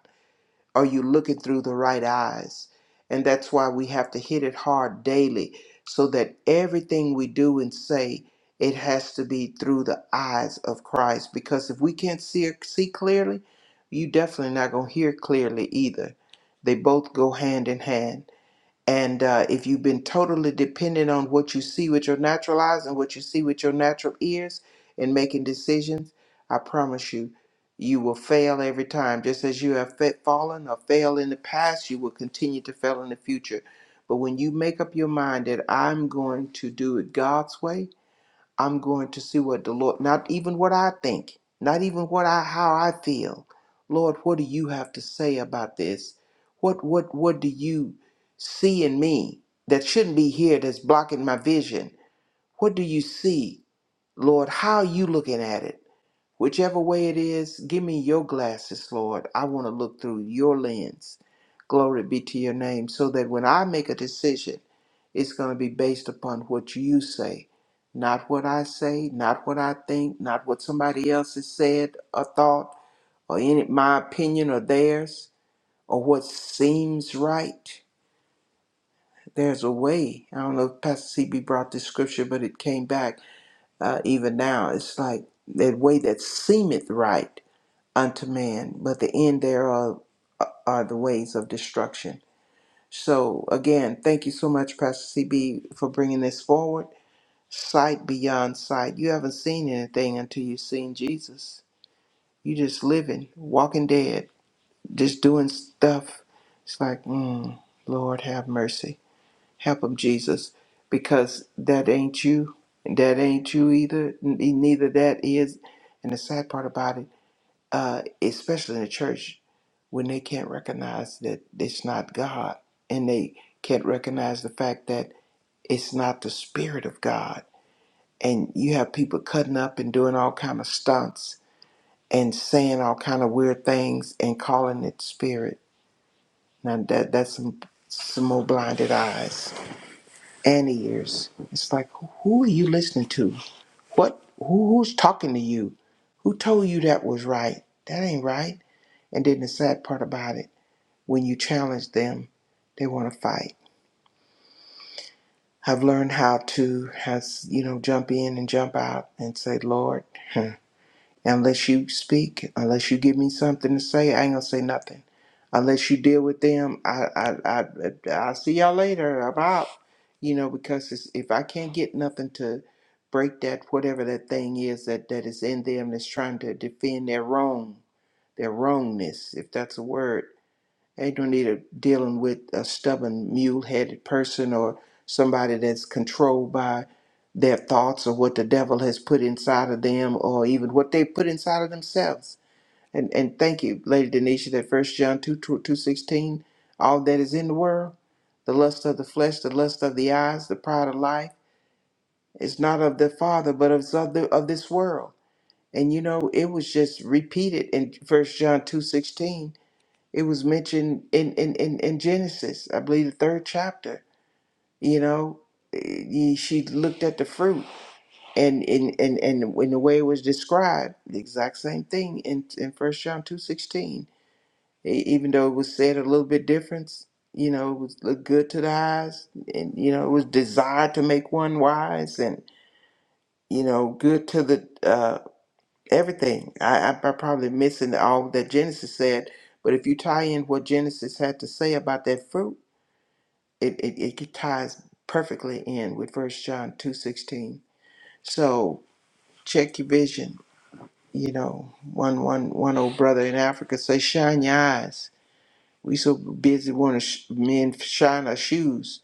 D: are you looking through the right eyes? And that's why we have to hit it hard daily so that everything we do and say, it has to be through the eyes of Christ. Because if we can't see, see clearly, you definitely not going to hear clearly either. They both go hand in hand. And uh, if you've been totally dependent on what you see with your natural eyes and what you see with your natural ears in making decisions, I promise you, you will fail every time. Just as you have fa- fallen or failed in the past, you will continue to fail in the future. But when you make up your mind that I'm going to do it God's way, I'm going to see what the Lord, not even what I think, not even what I how I feel. Lord, what do you have to say about this? What what what do you see in me that shouldn't be here that's blocking my vision? What do you see, Lord? How are you looking at it? Whichever way it is, give me your glasses, Lord. I want to look through your lens. Glory be to your name, so that when I make a decision, it's going to be based upon what you say, not what I say, not what I think, not what somebody else has said or thought, or any my opinion or theirs, or what seems right. There's a way. I don't know if Pastor CB brought this scripture, but it came back uh, even now. It's like that way that seemeth right unto man, but the end thereof are the ways of destruction. So, again, thank you so much, Pastor CB, for bringing this forward. Sight beyond sight. You haven't seen anything until you've seen Jesus. You just living, walking dead, just doing stuff. It's like, mm, Lord, have mercy. Help him, Jesus, because that ain't you. That ain't you either. n- Neither that is. And the sad part about it uh, especially in the church, when they can't recognize that it's not God and they can't recognize the fact that it's not the Spirit of God. And you have people cutting up and doing all kind of stunts and saying all kind of weird things and calling it spirit. Now that that's some some more blinded eyes and ears. It's like who are you listening to? What who, who's talking to you? Who told you that was right? That ain't right. And then the sad part about it. when you challenge them, they want to fight. I've learned how to has you know jump in and jump out and say, Lord, unless you speak, unless you give me something to say, I ain't gonna say nothing. Unless you deal with them, I I I I'll see y'all later. I'm out. You know because it's, if I can't get nothing to break that whatever that thing is that that is in them that's trying to defend their wrong, their wrongness, if that's a word Ain't no need of dealing with a stubborn, mule-headed person or somebody that's controlled by their thoughts or what the devil has put inside of them or even what they put inside of themselves. And and thank you, Lady Denisha, that first John 2, 216, all that is in the world, the lust of the flesh, the lust of the eyes, the pride of life, is not of the Father, but of, of, the, of this world. And you know, it was just repeated in first John 2:16 it was mentioned in, in, in, in Genesis, I believe the third chapter, you know, eh, she looked at the fruit and and, and, and when the way it was described, the exact same thing in, in First John 2.16, even though it was said a little bit different, you know, it was looked good to the eyes and, you know, it was desired to make one wise and, you know, good to the, uh, everything. I, I, I probably missing all that Genesis said, but if you tie in what Genesis had to say about that fruit, it, it, it ties perfectly in with first john 2.16 so check your vision you know one one one old brother in africa say shine your eyes we so busy wanting to sh- men shine our shoes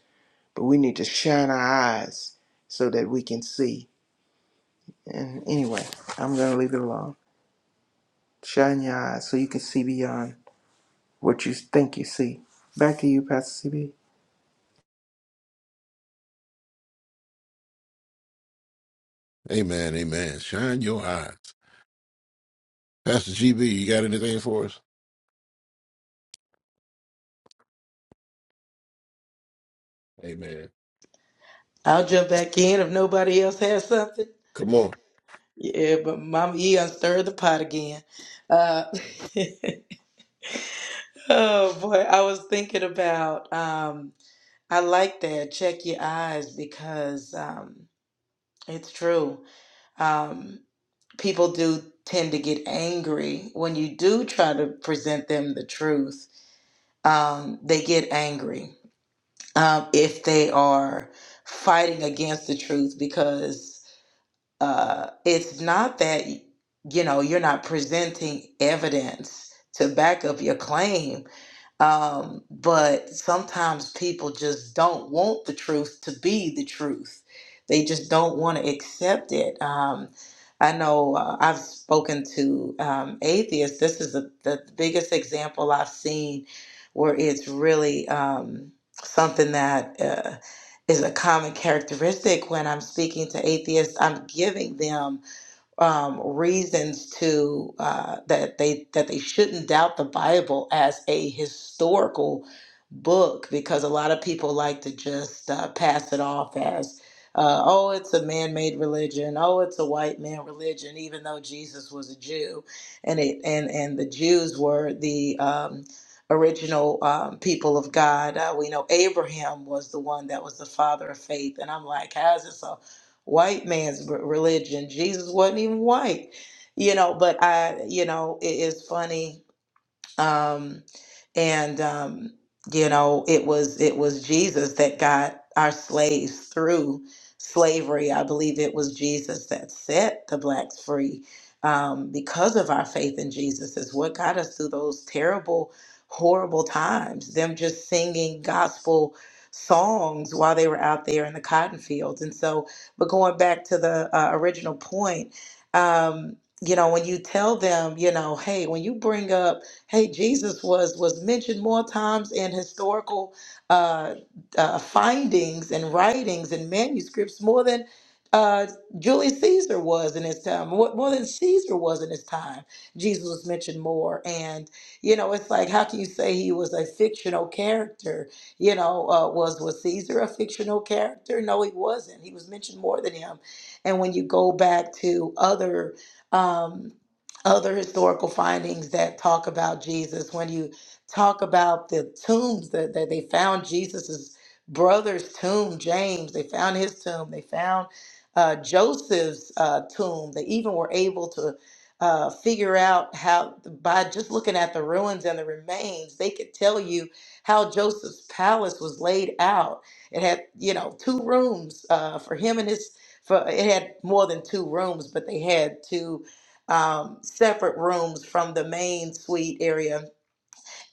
D: but we need to shine our eyes so that we can see and anyway i'm gonna leave it alone shine your eyes so you can see beyond what you think you see back to you pastor cb
A: Amen. Amen. Shine your eyes. Pastor GB, you got anything for us? Amen.
B: i'll jump back in if nobody else has something
A: Come on.
B: yeah but mama e unstirred the pot again uh, oh boy i was thinking about um I like that. Check your eyes because um, it's true. Um, people do tend to get angry when you do try to present them the truth. Um, they get angry um, if they are fighting against the truth because uh, it's not that you know you're not presenting evidence to back up your claim um, but sometimes people just don't want the truth to be the truth. They just don't want to accept it. Um, I know uh, I've spoken to um, atheists. This is the, the biggest example I've seen where it's really um, something that uh, is a common characteristic when I'm speaking to atheists. I'm giving them um, reasons to uh, that they that they shouldn't doubt the Bible as a historical book because a lot of people like to just uh, pass it off as uh, oh it's a man-made religion oh it's a white man religion even though Jesus was a Jew and it and and the Jews were the um, original um, people of God uh, we know Abraham was the one that was the father of faith and I'm like how's this so white man's r- religion. Jesus wasn't even white, you know. But I, you know, it is funny um, and um, you know it was it was jesus that got our slaves through slavery i believe it was jesus that set the blacks free um, because of our faith in jesus is what got us through those terrible horrible times them just singing gospel songs while they were out there in the cotton fields and so but going back to the uh, original point um, you know when you tell them you know hey when you bring up hey jesus was was mentioned more times in historical uh, uh, findings and writings and manuscripts more than uh, Julius Caesar was in his time, more, more than Caesar was in his time. Jesus was mentioned more. And, you know, it's like, how can you say he was a fictional character? You know, uh, was, was Caesar a fictional character? No, he wasn't. He was mentioned more than him. And when you go back to other, um, other historical findings that talk about Jesus, when you talk about the tombs that, that they found Jesus's brother's tomb, James, they found his tomb, they found uh, Joseph's uh, tomb. They even were able to uh, figure out how, by just looking at the ruins and the remains, they could tell you how Joseph's palace was laid out. It had, you know, two rooms uh, for him and his. For, it had more than two rooms, but they had two um, separate rooms from the main suite area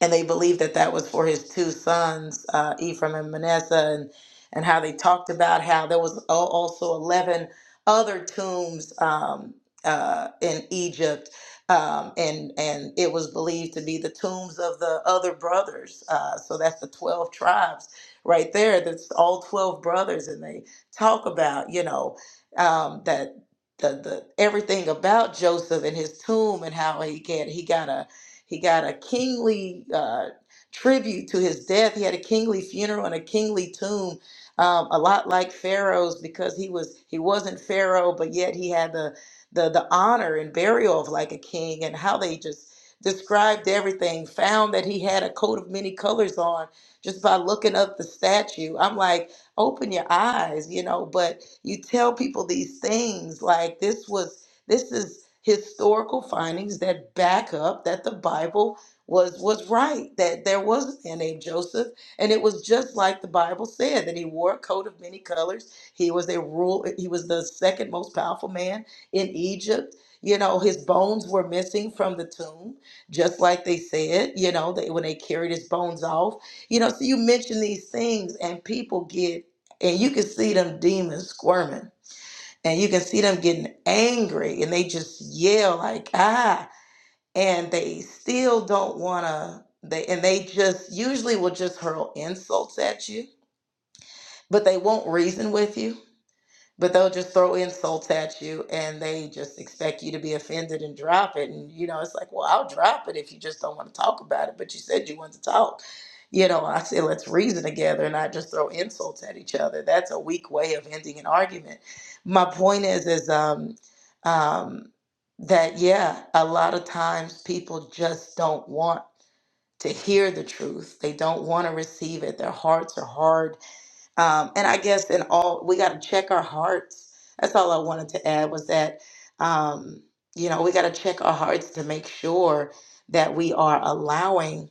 B: and they believed that that was for his two sons, uh, Ephraim and Manasseh, and and how they talked about how there was al- also eleven other tombs um, uh, in Egypt, um, and and it was believed to be the tombs of the other brothers. Uh, so that's the twelve tribes right there. That's all twelve brothers, and they talk about you know um, that. The, the everything about Joseph and his tomb and how he get he got a he got a kingly uh, tribute to his death. He had a kingly funeral and a kingly tomb, um, a lot like Pharaoh's because he was he wasn't Pharaoh, but yet he had the the the honor and burial of like a king and how they just described everything found that he had a coat of many colors on just by looking up the statue i'm like open your eyes you know but you tell people these things like this was this is historical findings that back up that the Bible was was right, that there was a man named Joseph, and it was just like the Bible said, that he wore a coat of many colors. He was a rule, he was the second most powerful man in Egypt. You know, his bones were missing from the tomb, just like they said, you know, they, when they carried his bones off. You know, so you mention these things and people get, and you can see them demons squirming and you can see them getting angry and they just yell like ah and they still don't want to they and they just usually will just hurl insults at you but they won't reason with you but they'll just throw insults at you and they just expect you to be offended and drop it and you know it's like well i'll drop it if you just don't want to talk about it but you said you wanted to talk you know i say let's reason together and not just throw insults at each other that's a weak way of ending an argument my point is is um um that yeah a lot of times people just don't want to hear the truth they don't want to receive it their hearts are hard um, and I guess in all, we got to check our hearts. That's all I wanted to add was that, um, you know, we got to check our hearts to make sure that we are allowing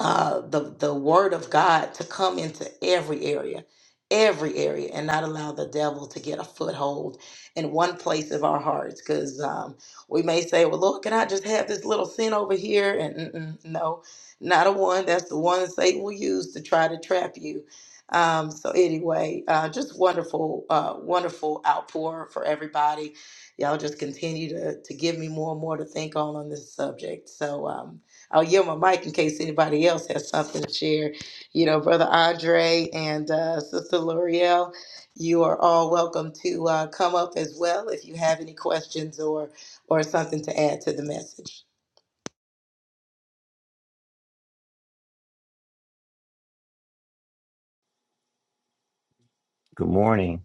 B: uh, the the word of God to come into every area, every area, and not allow the devil to get a foothold in one place of our hearts. Because um, we may say, "Well, Lord, can I just have this little sin over here?" And mm-mm, no, not a one. That's the one Satan will use to try to trap you. Um, so anyway, uh, just wonderful, uh, wonderful outpour for everybody. Y'all just continue to to give me more and more to think on on this subject. So. Um, I'll yield my mic in case anybody else has something to share. You know, Brother Andre and uh, Sister L'Oreal, you are all welcome to uh, come up as well if you have any questions or or something to add to the message.
E: Good morning.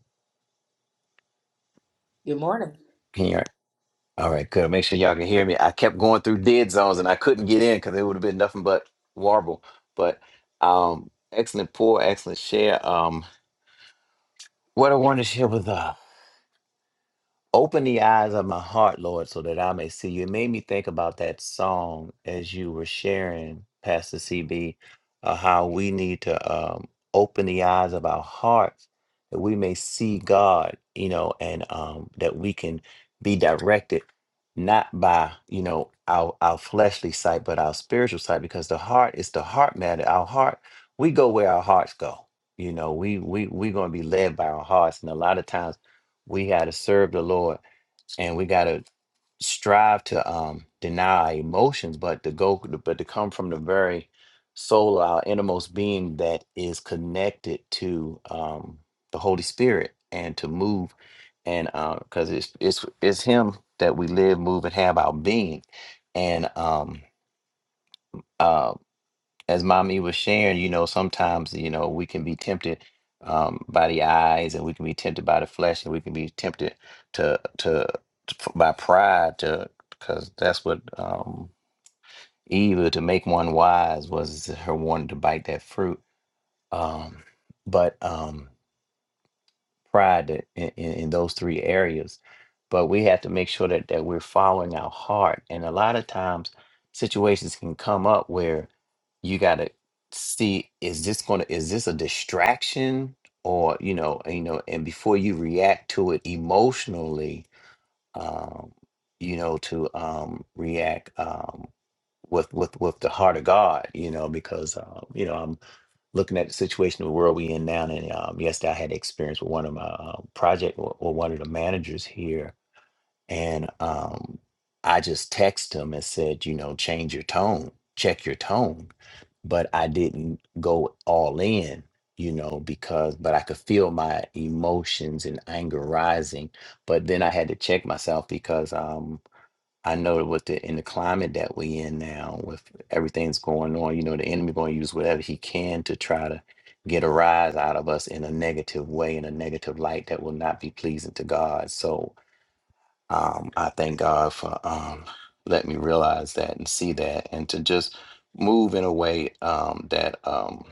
B: Good morning.
E: Can you? All right, good. Make sure y'all can hear me. I kept going through dead zones and I couldn't get in because it would have been nothing but warble. But um, excellent pour, excellent share. Um, what I wanted to share with us. Open the eyes of my heart, Lord, so that I may see you. It made me think about that song as you were sharing, Pastor CB, uh, how we need to um, open the eyes of our hearts that we may see God, you know, and um, that we can be directed not by, you know, our, our fleshly sight, but our spiritual sight, because the heart is the heart matter. Our heart, we go where our hearts go. You know, we we we're gonna be led by our hearts, and a lot of times we had to serve the Lord and we gotta strive to um deny our emotions but to go but to come from the very soul our innermost being that is connected to um the holy spirit and to move and uh because it's it's it's him that we live move and have our being and um uh, as mommy was sharing, you know, sometimes, you know, we can be tempted um, by the eyes and we can be tempted by the flesh and we can be tempted to, to, to f- by pride to, because that's what um, Eve, to make one wise was her wanting to bite that fruit. Um, but, um, pride i- in, in, those three areas. But we have to make sure that, that we're following our heart. And a lot of times, situations can come up where you got to see is this going to is this a distraction or you know and, you know and before you react to it emotionally um you know to um react um with with with the heart of god you know because um you know I'm looking at the situation of the world we in now. And um, yesterday I had experience with one of my uh, project or, or one of the managers here, and um, I just texted him and said, you know, change your tone, check your tone, but I didn't go all in. You know, because, but I could feel my emotions and anger rising. But then I had to check myself because um, I know that with the in the climate that we in now, with everything's going on, you know, the enemy going to use whatever he can to try to get a rise out of us in a negative way, in a negative light that will not be pleasing to God. So um, I thank God for um, letting me realize that and see that, and to just move in a way um, that um,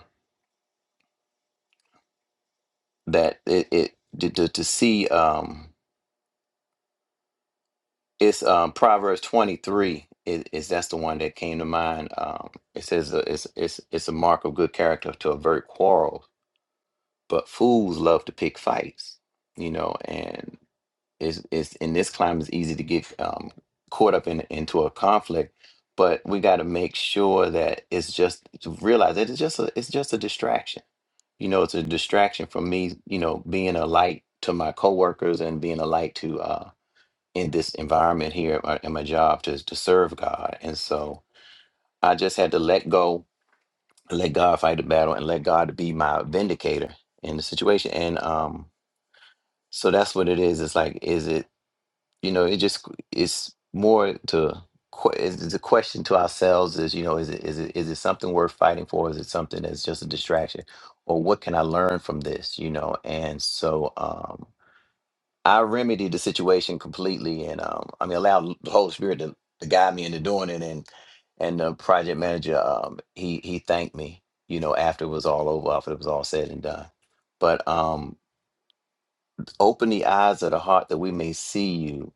E: that it, it to, to, to see. Um, It's um, Proverbs 23 is, is that's the one that came to mind. Um, it says uh, it's it's it's a mark of good character to avert quarrels, but fools love to pick fights, you know, and it's, it's in this climate it's easy to get um, caught up in into a conflict, but we got to make sure that it's just to realize that it's just a, it's just a distraction. You know, it's a distraction from me, you know, being a light to my coworkers and being a light to uh in this environment here at my, at my job to, to serve God. And so I just had to let go, let God fight the battle and let God be my vindicator in the situation. And um, so that's what it is. It's like, is it, you know, it just, it's more to, que- it's it's a question to ourselves is, you know, is it, is it, is it something worth fighting for? Is it something that's just a distraction? Or what can I learn from this? You know? And so, um, I remedied the situation completely, and um, I mean, allowed the Holy Spirit to, to guide me into doing it. And and the project manager, um, he he thanked me, you know, after it was all over, after it was all said and done. But um, open the eyes of the heart that we may see you,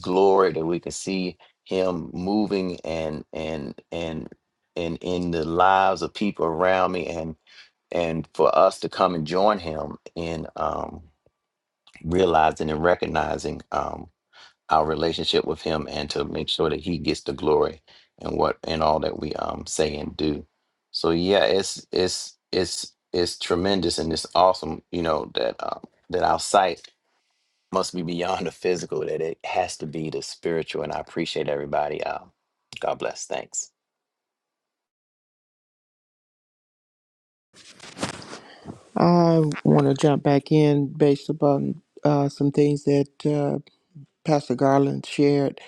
E: glory that we can see Him moving and and and and in the lives of people around me, and and for us to come and join Him in um, realizing and recognizing. Um, our relationship with him and to make sure that he gets the glory and what and all that we um say and do so yeah it's it's it's it's tremendous and it's awesome you know that um that our sight must be beyond the physical that it has to be the spiritual and i appreciate everybody um god bless thanks
D: i want to jump back in based upon uh, some things that Pastor Garland shared,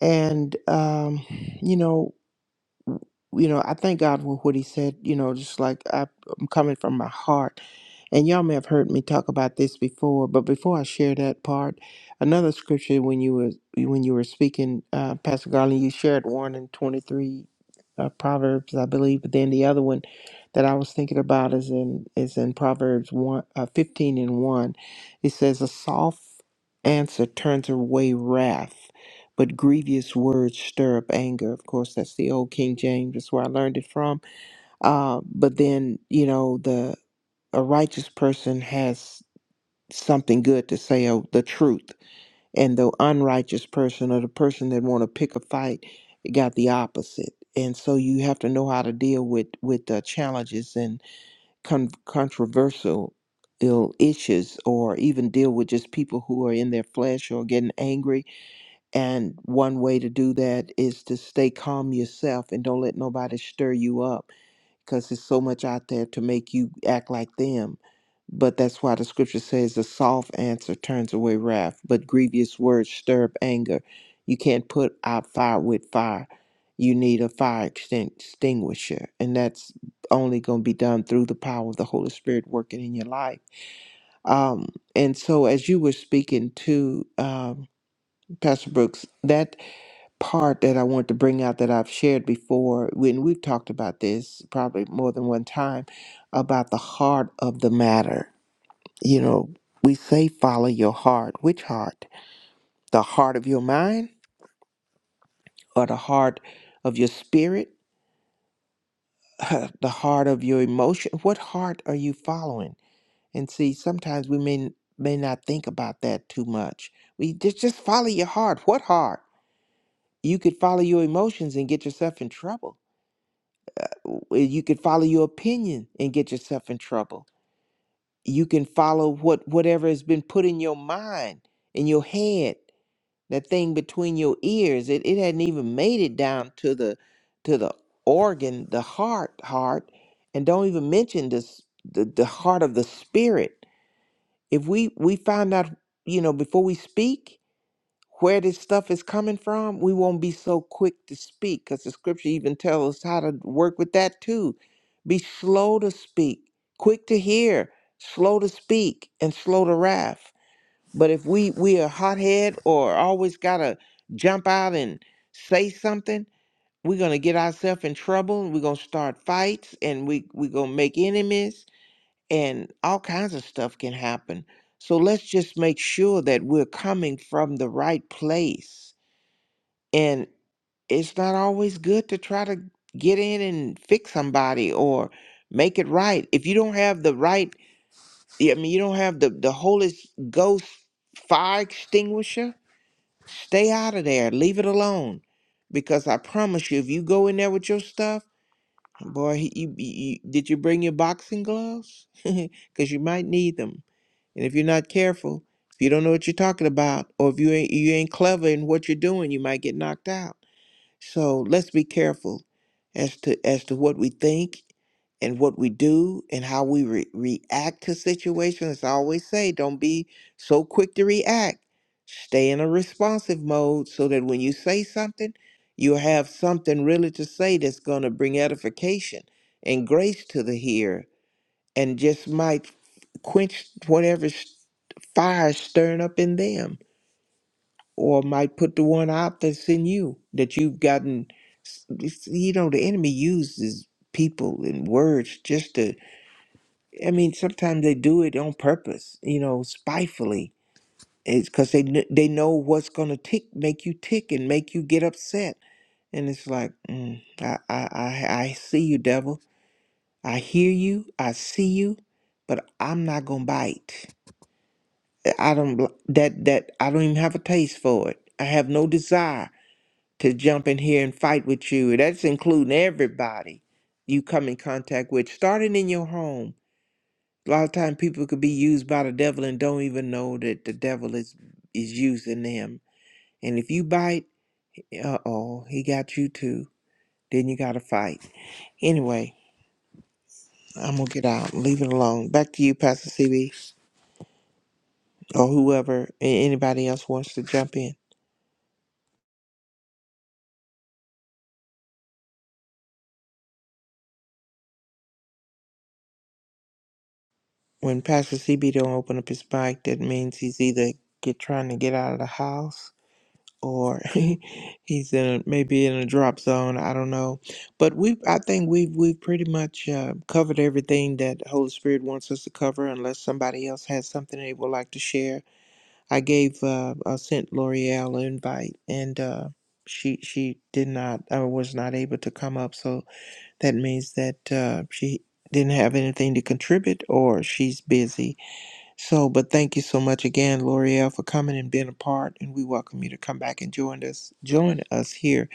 D: and um, you know, you know, I thank God for what he said. You know, just like I, I'm coming from my heart. And y'all may have heard me talk about this before, but before I share that part, another scripture when you were when you were speaking, uh, Pastor Garland, you shared one in twenty three uh, Proverbs, I believe, but then the other one that I was thinking about is in is in Proverbs one uh, fifteen and one. It says, "A soft answer turns away wrath." But grievous words stir up anger. Of course, that's the old King James. That's where I learned it from. Uh, but then, you know, the a righteous person has something good to say of the truth and the unrighteous person or the person that want to pick a fight got the opposite and so you have to know how to deal with with uh, challenges and con- controversial ill issues or even deal with just people who are in their flesh or getting angry and one way to do that is to stay calm yourself and don't let nobody stir you up because there's so much out there to make you act like them. But that's why the scripture says a soft answer turns away wrath, but grievous words stir up anger. You can't put out fire with fire. You need a fire extin- extinguisher, and that's only going to be done through the power of the Holy Spirit working in your life. Um, and so, as you were speaking to um, Pastor Brooks, that part that I want to bring out that I've shared before when we've talked about this probably more than one time about the heart of the matter. You know, we say follow your heart. Which heart? The heart of your mind or the heart of your spirit? the heart of your emotion? What heart are you following? And see, sometimes we may may not think about that too much. We just just follow your heart. What heart? You could follow your emotions and get yourself in trouble you can follow your opinion and get yourself in trouble you can follow what whatever has been put in your mind in your head that thing between your ears it, it hadn't even made it down to the to the organ the heart heart and don't even mention this the, the heart of the spirit if we we find out you know before we speak where this stuff is coming from, we won't be so quick to speak because the scripture even tells us how to work with that too. Be slow to speak, quick to hear, slow to speak, and slow to wrath. But if we we are hothead or always gotta jump out and say something, we're gonna get ourselves in trouble and we're gonna start fights and we we're gonna make enemies and all kinds of stuff can happen. So let's just make sure that we're coming from the right place and it's not always good to try to get in and fix somebody or make it right. If you don't have the right, yeah, I mean, you don't have the, the Holy Ghost fire extinguisher, stay out of there. Leave it alone. Because I promise you, if you go in there with your stuff, boy, he- you, you, you- did you bring your boxing gloves? Because you might need them. And if you're not careful, if you don't know what you're talking about, or if you ain't, you ain't clever in what you're doing, you might get knocked out. So let's be careful as to as to what we think and what we do and how we re- react to situations. As I always say, don't be so quick to react. Stay in a responsive mode so that when you say something, you have something really to say that's going to bring edification and grace to the hearer and just might quench whatever s- fire stirring up in them or might put the one out that's in you that you've gotten you know the enemy uses people and words just to i mean sometimes they do it on purpose you know spitefully it's because they kn- they know what's gonna tick make you tick and make you get upset and it's like mm, I, I i i see you devil i hear you i see you but i'm not gonna bite i don't that that i don't even have a taste for it i have no desire to jump in here and fight with you. That's including everybody you come in contact with, starting in your home. A lot of time people could be used by the devil and don't even know that the devil is is using them. And if you bite, uh oh, he got you too. Then you gotta fight. Anyway, I'm gonna get out. Leave it alone. Back to you, Pastor CB, or whoever a- anybody else wants to jump in. When Pastor CB don't open up his mic, that means he's either get trying to get out of the house or he's in a, maybe in a drop zone. I don't know, but we I think we've we've pretty much uh, covered everything that Holy Spirit wants us to cover, unless somebody else has something they would like to share. I gave uh, I sent L'Oreal an invite, and uh, she she did not uh, was not able to come up, so that means that uh, she didn't have anything to contribute, or she's busy so, but thank you so much again, L'Oreal, for coming and being a part. And we welcome you to come back and join us. Join us here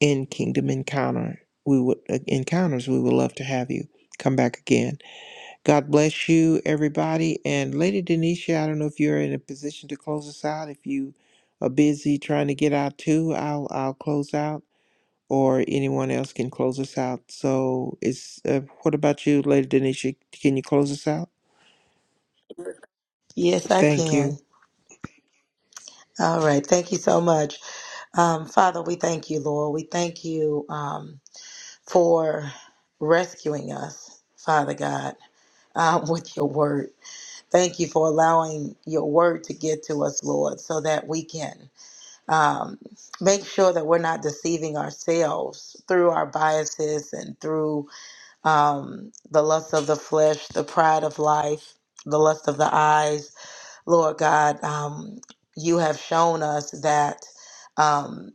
D: in Kingdom Encounter. We would uh, encounters. We would love to have you come back again. God bless you, everybody. And Lady Denisha, I don't know if you're in a position to close us out. If you are busy trying to get out too, I'll I'll close out, or anyone else can close us out. So, it's uh, what about you, Lady Denisha? Can you close us out?
B: Yes, I
D: Thank
B: can.
D: you.
B: All right. Thank you so much. Um, Father, we thank you, Lord. We thank you um, for rescuing us, Father God, um, with your word. Thank you for allowing your word to get to us, Lord, so that we can um, make sure that we're not deceiving ourselves through our biases and through um, the lust of the flesh, the pride of life, the lust of the eyes. Lord God, um, you have shown us that. Um,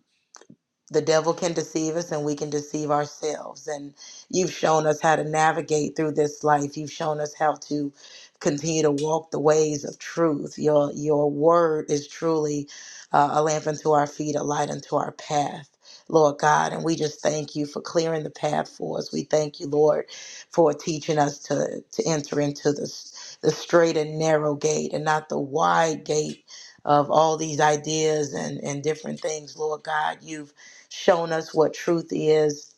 B: the devil can deceive us and we can deceive ourselves and you've shown us how to navigate through this life you've shown us how to continue to walk the ways of truth your your word is truly uh, a lamp unto our feet a light unto our path Lord God, and we just thank you for clearing the path for us. We thank you, Lord, for teaching us to, to enter into the, the straight and narrow gate and not the wide gate of all these ideas and, and different things, Lord God. You've shown us what truth is.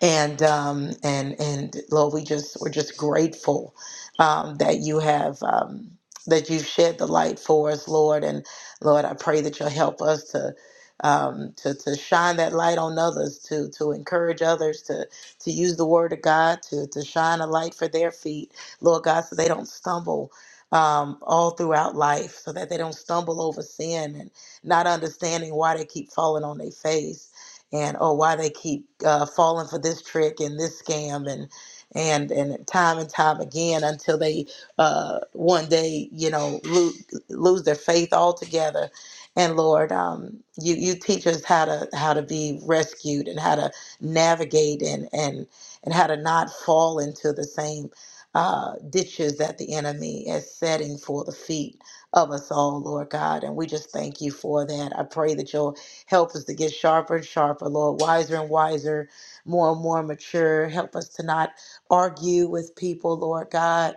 B: And um, and and Lord, we just we're just grateful um, that you have um, that you've shed the light for us, Lord. And Lord, I pray that you'll help us to um, to to shine that light on others, to to encourage others, to to use the Word of God, to to shine a light for their feet, Lord God, so they don't stumble. Um, all throughout life, so that they don't stumble over sin and not understanding why they keep falling on their face and oh why they keep uh, falling for this trick and this scam and and and time and time again until they uh, one day you know lo- lose their faith altogether and lord um, you you teach us how to how to be rescued and how to navigate and and and how to not fall into the same uh, ditches that the enemy is setting for the feet of us all, Lord God. And we just thank you for that. I pray that your Help us to get sharper and sharper, Lord, wiser and wiser, more and more mature. Help us to not argue with people, Lord God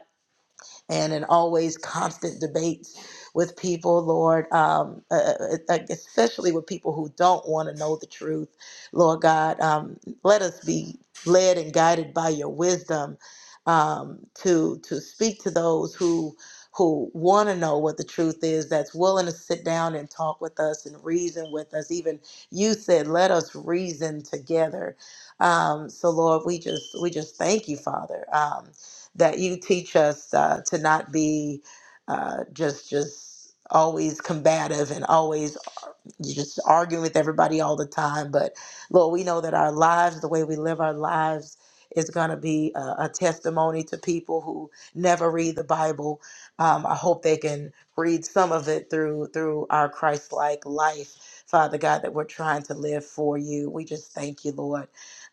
B: and in always constant debates with people, Lord, um, uh, uh, uh, uh, especially with people who don't want to know the truth. Lord God, um, let us be led and guided by your wisdom um, to to speak to those who who want to know what the truth is that's willing to sit down and talk with us and reason with us even you said let us reason together um, so lord we just we just thank you father um, that you teach us uh, to not be uh, just just always combative and always uh, you just arguing with everybody all the time. But Lord, we know that our lives, the way we live our lives, is going to be a, a testimony to people who never read the Bible. Um, I hope they can read some of it through through our Christ-like life, Father God, that we're trying to live for you. We just thank you, Lord,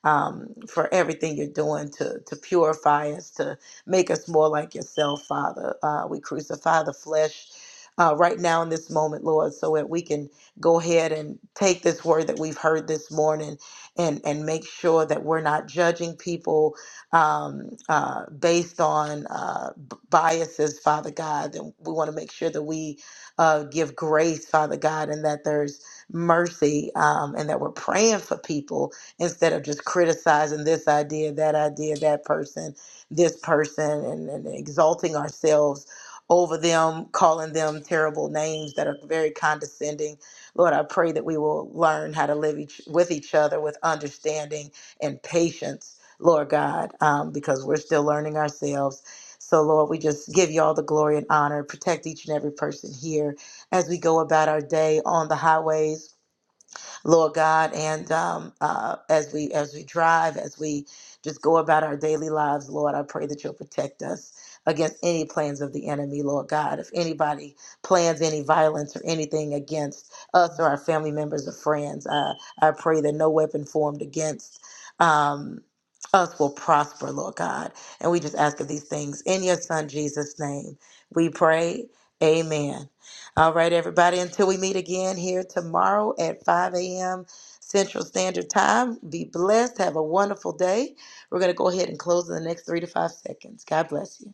B: um, for everything you're doing to to purify us, to Make us more like yourself, Father. Uh, we crucify the flesh uh, right now in this moment, Lord, so that we can go ahead and take this word that we've heard this morning and, and make sure that we're not judging people um, uh, based on uh, b- biases, Father God. And we want to make sure that we uh, give grace, Father God, and that there's mercy um, and that we're praying for people instead of just criticizing this idea, that idea, that person this person and, and exalting ourselves over them, calling them terrible names that are very condescending. Lord, I pray that we will learn how to live each, with each other with understanding and patience, Lord God, um, because we're still learning ourselves. So, Lord, we just give you all the glory and honor. Protect each and every person here as we go about our day on the highways Lord God. And um, uh, as we as we drive, as we just go about our daily lives, Lord, I pray that you'll protect us against any plans of the enemy, Lord God. If anybody plans any violence or anything against us or our family members or friends, uh, I pray that no weapon formed against. Um, us will prosper, Lord God. And we just ask of these things in your Son Jesus' name. We pray. Amen. All right, everybody, until we meet again here tomorrow at 5 a.m. Central Standard Time, be blessed. Have a wonderful day. We're going to go ahead and close in the next three to five seconds. God bless you.